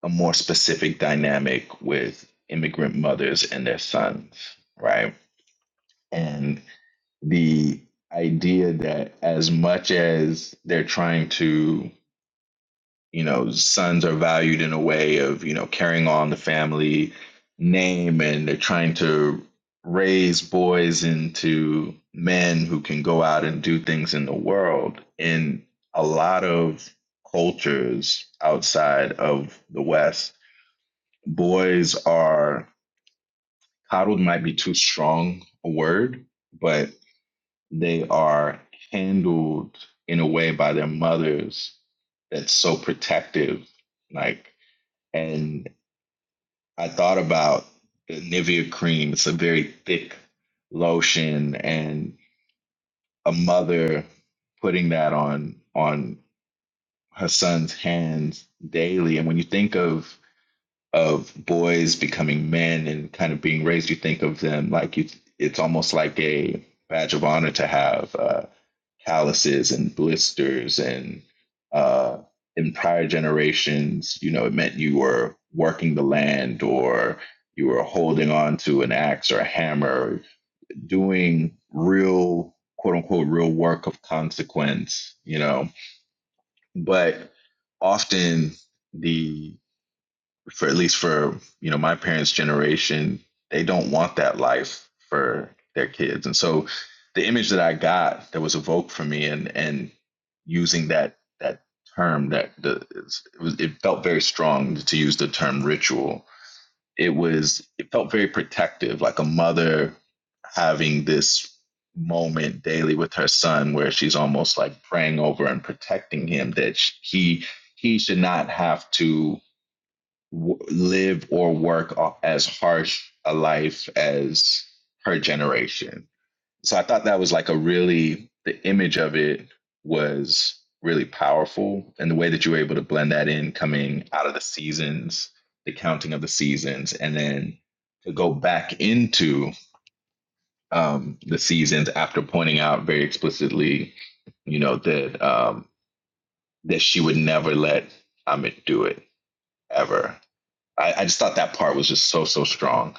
[SPEAKER 4] a more specific dynamic with immigrant mothers and their sons, right? And the idea that as much as they're trying to you know sons are valued in a way of you know carrying on the family name and they're trying to raise boys into men who can go out and do things in the world in a lot of cultures outside of the west boys are coddled might be too strong a word but they are handled in a way by their mothers that's so protective like and I thought about the Nivea cream. It's a very thick lotion, and a mother putting that on on her son's hands daily. And when you think of of boys becoming men and kind of being raised, you think of them like you. It's almost like a badge of honor to have. uh, calluses and blisters and uh, in prior generations you know it meant you were working the land or you were holding on to an axe or a hammer doing real quote unquote real work of consequence you know but often the for at least for you know my parents' generation, they don't want that life for their kids. And so the image that I got that was evoked for me and and using that that term that the it, was, it felt very strong to use the term ritual. It was it felt very protective, like a mother having this moment daily with her son where she's almost like praying over and protecting him that he he should not have to w- live or work as harsh a life as her generation. So I thought that was like a really, the image of it was really powerful. And the way that you were able to blend that in coming out of the seasons, the counting of the seasons, and then to go back into um, the seasons after pointing out very explicitly, you know, that um, that she would never let Amit do it ever. I, I just thought that part was just so so strong.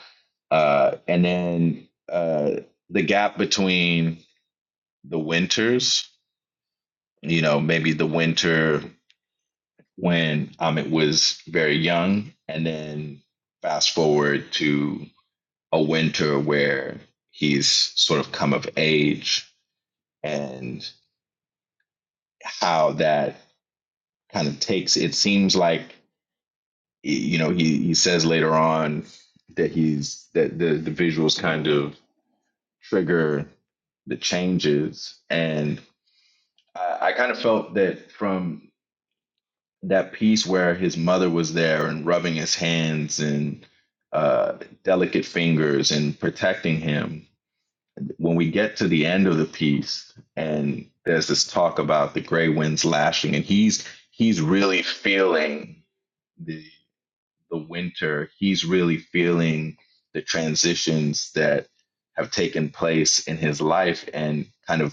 [SPEAKER 4] Uh, and then uh, the gap between the winters, you know, maybe the winter when Amit was very young, and then fast forward to a winter where he's sort of come of age, and how that kind of takes. It seems like you know he he says later on that he's that the the visuals kind of trigger the changes. And I, I kind of felt that from that piece where his mother was there and rubbing his hands and uh, delicate fingers and protecting him. When we get to the end of the piece, and there's this talk about the gray winds lashing, and he's he's really feeling the the winter. He's really feeling the transitions that have taken place in his life, and kind of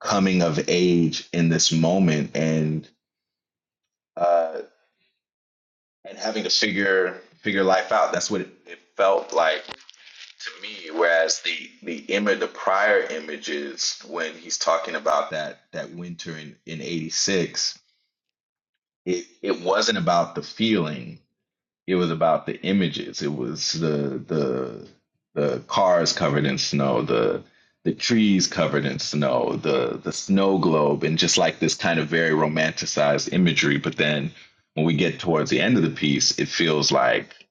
[SPEAKER 4] coming of age in this moment and uh, and having to figure figure life out. That's what it, it felt like to me. Whereas the the image, the prior images, when he's talking about that that winter in in '86, it it wasn't about the feeling. It was about the images. It was the the the cars covered in snow, the the trees covered in snow, the the snow globe, and just like this kind of very romanticized imagery. But then when we get towards the end of the piece, it feels like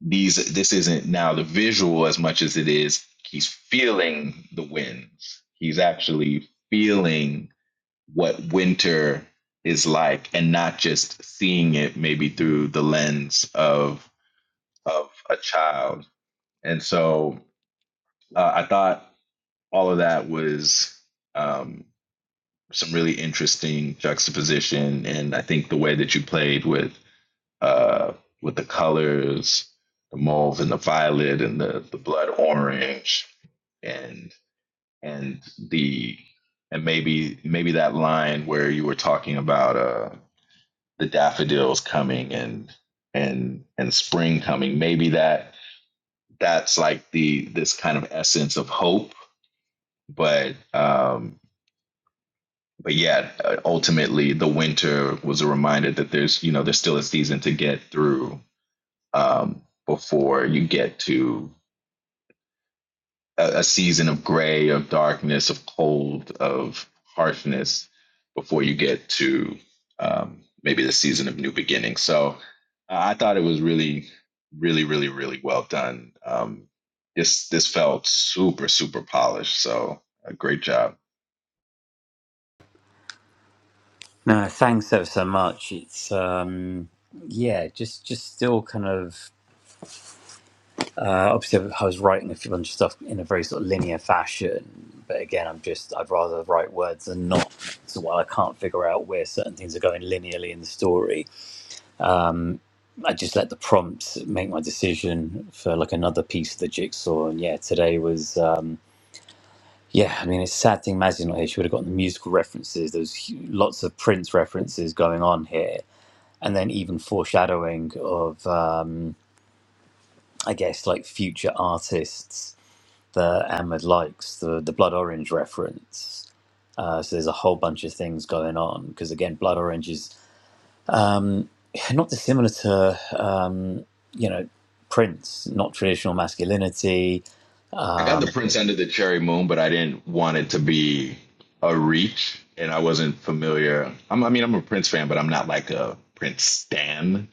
[SPEAKER 4] these this isn't now the visual as much as it is he's feeling the winds. He's actually feeling what winter is like and not just seeing it maybe through the lens of of a child. And so uh, I thought all of that was um, some really interesting juxtaposition. And I think the way that you played with uh, with the colors, the mauve and the violet and the, the blood orange and and the and maybe maybe that line where you were talking about uh, the daffodils coming and and and spring coming, maybe that that's like the this kind of essence of hope but um but yeah uh, ultimately the winter was a reminder that there's you know there's still a season to get through um before you get to a, a season of gray, of darkness, of cold, of harshness before you get to um, maybe the season of new beginning. So uh, I thought it was really, really, really, really well done. Um, this this felt super super polished. So a great job.
[SPEAKER 1] No, thanks ever so much. It's um yeah, just just still kind of Uh, obviously, I was writing a few bunch of stuff in a very sort of linear fashion, but again, I'm just I'd rather write words than not. So while I can't figure out where certain things are going linearly in the story, I just let the prompts make my decision for like another piece of the jigsaw. And yeah, today was um, yeah. I mean, it's a sad thing Mazzy's not here. She would have gotten the musical references. There's hu- lots of Prince references going on here, and then even foreshadowing of um, I guess like future artists that Ahmed likes, the, the blood orange reference. Uh, so there's a whole bunch of things going on because again, blood orange is um, (laughs) not dissimilar to um, you know Prince, not traditional masculinity.
[SPEAKER 4] I got the Prince End of the Cherry Moon, but I didn't want it to be a reach, and I wasn't familiar. I'm, I mean, I'm a Prince fan, but I'm not like a Prince stan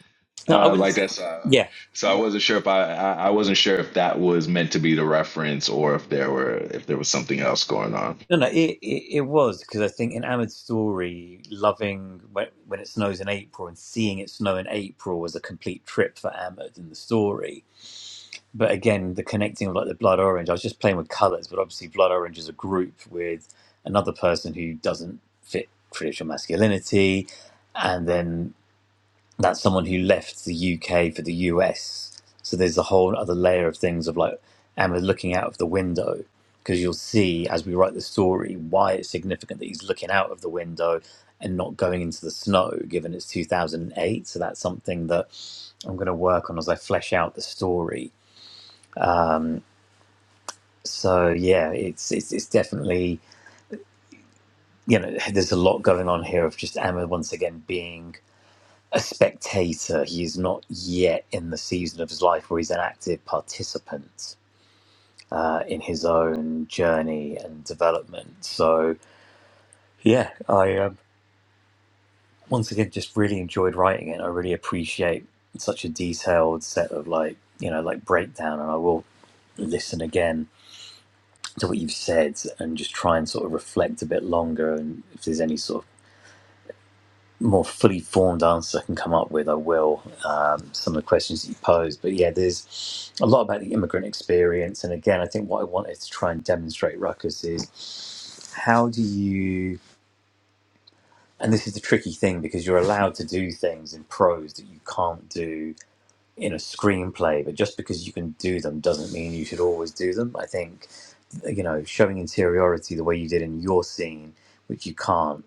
[SPEAKER 1] No, I
[SPEAKER 4] uh,
[SPEAKER 1] wouldn't.
[SPEAKER 4] like that. So,
[SPEAKER 1] Yeah,
[SPEAKER 4] so I wasn't sure if I, I I wasn't sure if that was meant to be the reference or if there were if there was something else going on.
[SPEAKER 1] no, no, it it, it was because I think in Ahmed's story, loving when, when it snows in April and seeing it snow in April was a complete trip for Ahmed in the story but again, the connecting of like the blood orange, I was just playing with colors, but obviously, blood orange is a group with another person who doesn't fit traditional masculinity, and then that's someone who left the UK for the US. So there's a whole other layer of things of like, and we're looking out of the window because you'll see as we write the story why it's significant that he's looking out of the window and not going into the snow, given it's 2008. So that's something that I'm going to work on as I flesh out the story So yeah, it's it's it's definitely you know there's a lot going on here of just Amma once again being a spectator. He's not yet in the season of his life where he's an active participant uh, in his own journey and development. So yeah, I um, once again just really enjoyed writing it. I really appreciate such a detailed set of like you know like breakdown, and I will listen again to what you've said and just try and sort of reflect a bit longer and if there's any sort of more fully formed answer I can come up with, I will. Um, some of the questions that you posed, but yeah, there's a lot about the immigrant experience, and again, I think what I wanted to try and demonstrate, Ruckus, is how do you, and this is the tricky thing because you're allowed to do things in prose that you can't do in a screenplay, but just because you can do them doesn't mean you should always do them. I think you know, showing interiority the way you did in your scene, which you can't.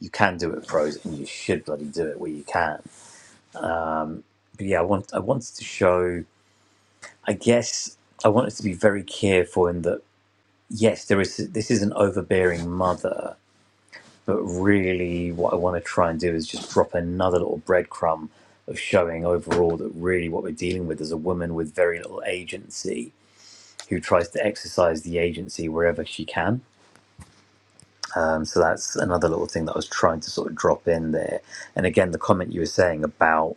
[SPEAKER 1] You can do it in prose, and you should bloody do it where you can but yeah, I want I wanted to show. I guess I wanted to be very careful in that. Yes, there is. This is an overbearing mother, but really, what I want to try and do is just drop another little breadcrumb of showing overall that really what we're dealing with is a woman with very little agency who tries to exercise the agency wherever she can. Um, so that's another little thing that I was trying to sort of drop in there. And again, the comment you were saying about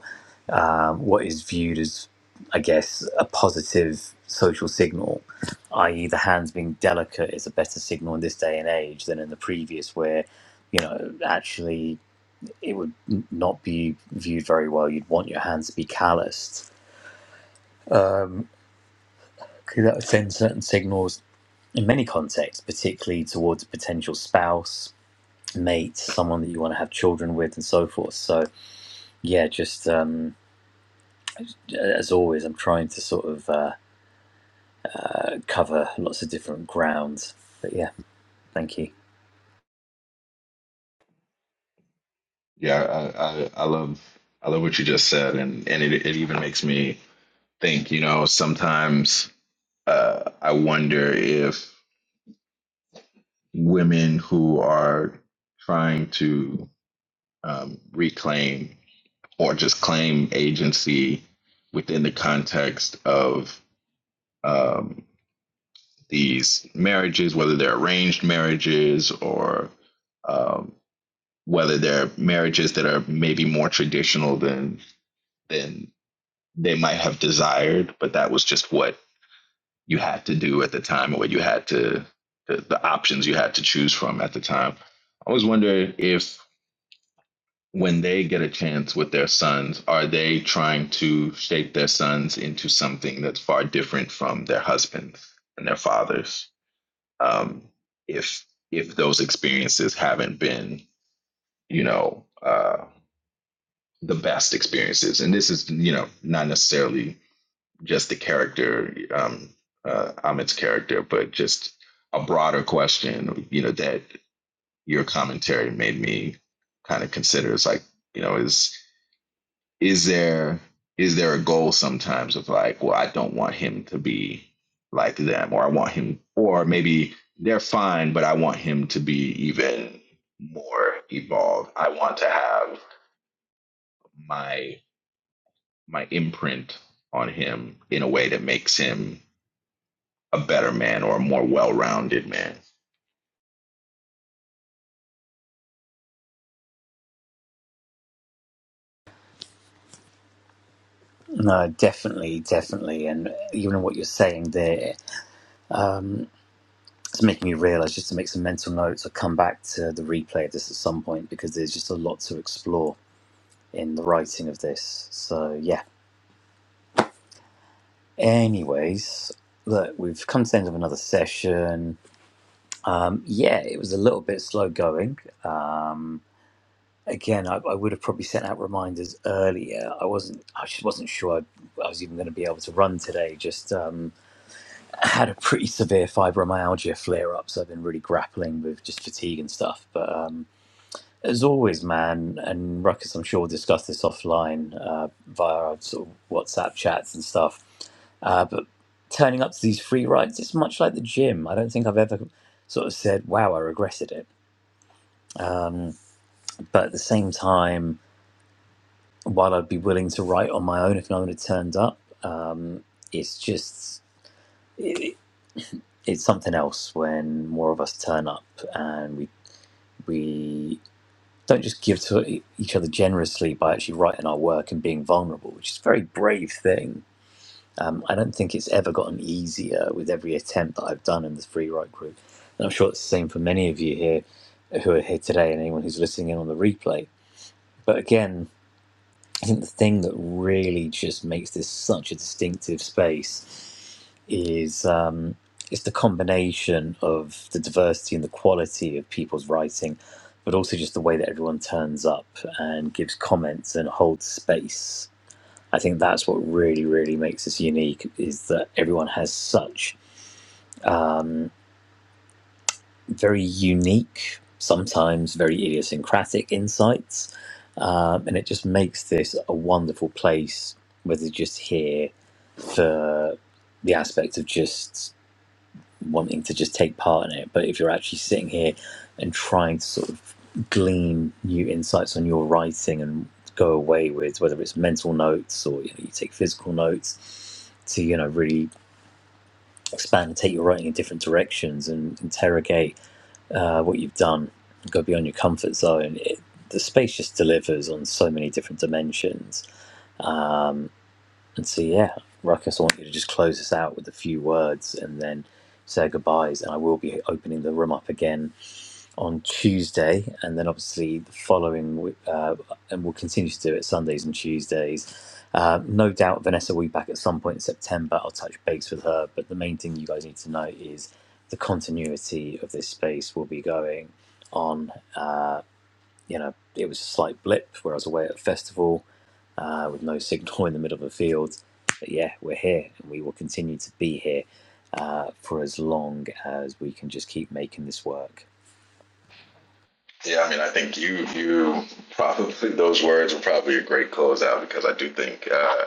[SPEAKER 1] um, what is viewed as, I guess, a positive social signal, i.e., the hands being delicate is a better signal in this day and age than in the previous, where, you know, actually it would n- not be viewed very well. You'd want your hands to be calloused because that would send certain signals in many contexts, particularly towards a potential spouse. Mate, someone that you want to have children with, and so forth. So, yeah, just um, as always, I'm trying to sort of uh, cover lots of different grounds. But yeah, thank you.
[SPEAKER 4] Yeah, I I, I love I love what you just said, and and it it even makes me think. You know, sometimes uh, I wonder if women who are trying to um, reclaim or just claim agency within the context of um, these marriages, whether they're arranged marriages or um, whether they're marriages that are maybe more traditional than than they might have desired, but that was just what you had to do at the time, or what you had to the, the options you had to choose from at the time. I always wonder if when they get a chance with their sons, are they trying to shape their sons into something that's far different from their husbands and their fathers? Um, if if those experiences haven't been, you know, uh, the best experiences, and this is, you know, not necessarily just the character, um, uh, Ahmed's character, but just a broader question, you know, that your commentary made me kind of consider It's like, you know, is is there is there a goal sometimes of like well i don't want him to be like them or i want him or maybe they're fine but i want him to be even more evolved i want to have my my imprint on him in a way that makes him a better man or a more well-rounded man
[SPEAKER 1] No, definitely, definitely. And even what you're saying there, it's making me realize just to make some mental notes or come back to the replay of this at some point because there's just a lot to explore in the writing of this. So yeah. Anyways, look, we've come to the end of another session. Um, yeah, it was a little bit slow going. Um, again, I, I would have probably sent out reminders earlier. I wasn't, I just wasn't sure I, I was even going to be able to run today. Just um, (laughs) had a pretty severe fibromyalgia flare up, so I've been really grappling with just fatigue and stuff. But um, as always, man, and Ruckus, I'm sure we'll discuss this offline uh, via our sort of WhatsApp chats and stuff. Uh, but turning up to these free rides, it's much like the gym. I don't think I've ever sort of said, "Wow, I regretted it," but at the same time. while I'd be willing to write on my own if no one had turned up, um, it's just it, it's something else when more of us turn up and we we don't just give to e- each other generously by actually writing our work and being vulnerable, which is a very brave thing. Um, I don't think it's ever gotten easier with every attempt that I've done in the free write group, and I'm sure it's the same for many of you here who are here today and anyone who's listening in on the replay. But again, I think the thing that really just makes this such a distinctive space is um, it's the combination of the diversity and the quality of people's writing, but also just the way that everyone turns up and gives comments and holds space. I think that's what really, really makes us unique is that everyone has such very unique, sometimes very idiosyncratic insights. Um, and it just makes this a wonderful place where they're just here for the aspect of just wanting to just take part in it. But if you're actually sitting here and trying to sort of glean new insights on your writing and go away with, whether it's mental notes or you, know, you take physical notes, to you know really expand and take your writing in different directions and interrogate uh, what you've done. You've got to be on your comfort zone. It, the space just delivers on so many different dimensions. And so, yeah, Ruckus, I want you to just close us out with a few words and then say goodbyes. And I will be opening the room up again on Tuesday, and then obviously the following week, uh, and we'll continue to do it Sundays and Tuesdays. Uh, no doubt Vanessa will be back at some point in September. I'll touch base with her, but the main thing you guys need to know is the continuity of this space will be going on. Uh, you know, it was a slight blip where I was away at a festival uh, with no signal (laughs) in the middle of a field. But yeah, we're here and we will continue to be here uh, for as long as we can just keep making this work.
[SPEAKER 4] Yeah, I mean, I think you you probably those words were probably a great closeout because I do think uh,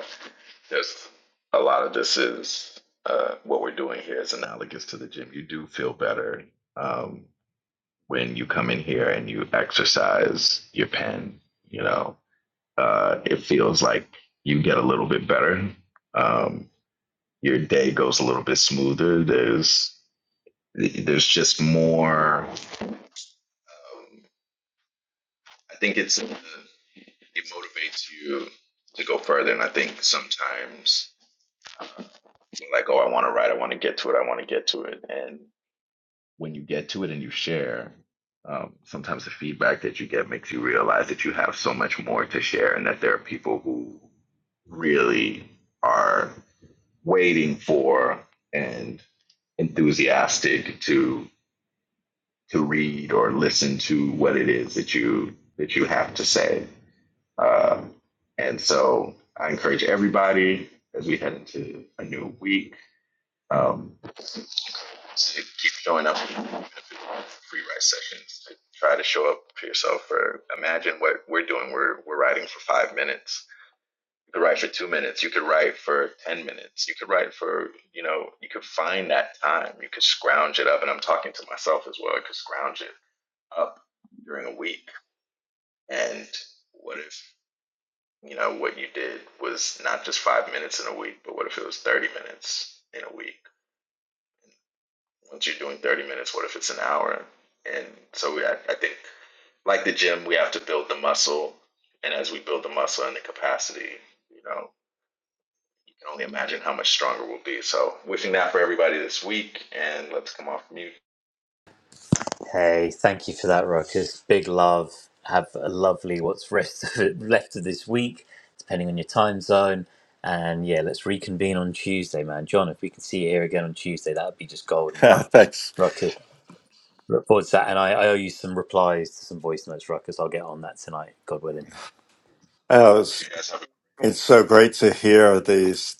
[SPEAKER 4] there's a lot of this is uh, what we're doing here is analogous to the gym. You do feel better um, when you come in here and you exercise your pen. You know, uh, it feels like you get a little bit better. Um, your day goes a little bit smoother. There's there's just more. Um, I think it's. uh, it motivates you to go further. And I think sometimes you're like, oh, I want to write, I want to get to it, I want to get to it. And when you get to it and you share, um, sometimes the feedback that you get makes you realize that you have so much more to share and that there are people who really are waiting for and enthusiastic to to read or listen to what it is that you that you have to say Um, and so I encourage everybody as we head into a new week um, to keep showing up free write sessions. To try to show up for yourself. Or imagine what we're doing. We're we're writing for five minutes. You could write for two minutes. You could write for ten minutes. You could write for you know. You could find that time. You could scrounge it up. And I'm talking to myself as well. I could scrounge it up during a week. And what if you know, what you did was not just five minutes in a week, but what if it was 30 minutes in a week? Once you're doing 30 minutes, what if it's an hour? And so we, I, I think, like the gym, we have to build the muscle. And as we build the muscle and the capacity, you know, you can only imagine how much stronger we'll be. So, wishing that for everybody this week. And let's come off mute.
[SPEAKER 1] Hey, thank you for that, Ruckus. Big love. Have a lovely what's rest of it, left of this week, depending on your time zone. And yeah, let's reconvene on Tuesday, man. John, if we can see you here again on Tuesday, that would be just
[SPEAKER 2] (laughs)
[SPEAKER 1] golden.
[SPEAKER 2] Thanks.
[SPEAKER 1] Ruckus, look forward to that. And I, I owe you some replies to some voice notes, Ruckus. I'll get on that tonight, God willing.
[SPEAKER 2] Uh,
[SPEAKER 4] You
[SPEAKER 2] it's,
[SPEAKER 4] guys have a
[SPEAKER 2] it's so great to hear these.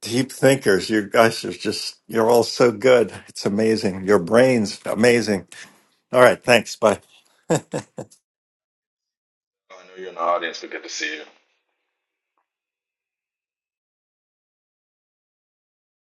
[SPEAKER 2] Deep thinkers, you guys are just, you're all so good. It's amazing. Your brain's amazing. All right, thanks. Bye. (laughs)
[SPEAKER 4] I know you're in the audience, but good to see you.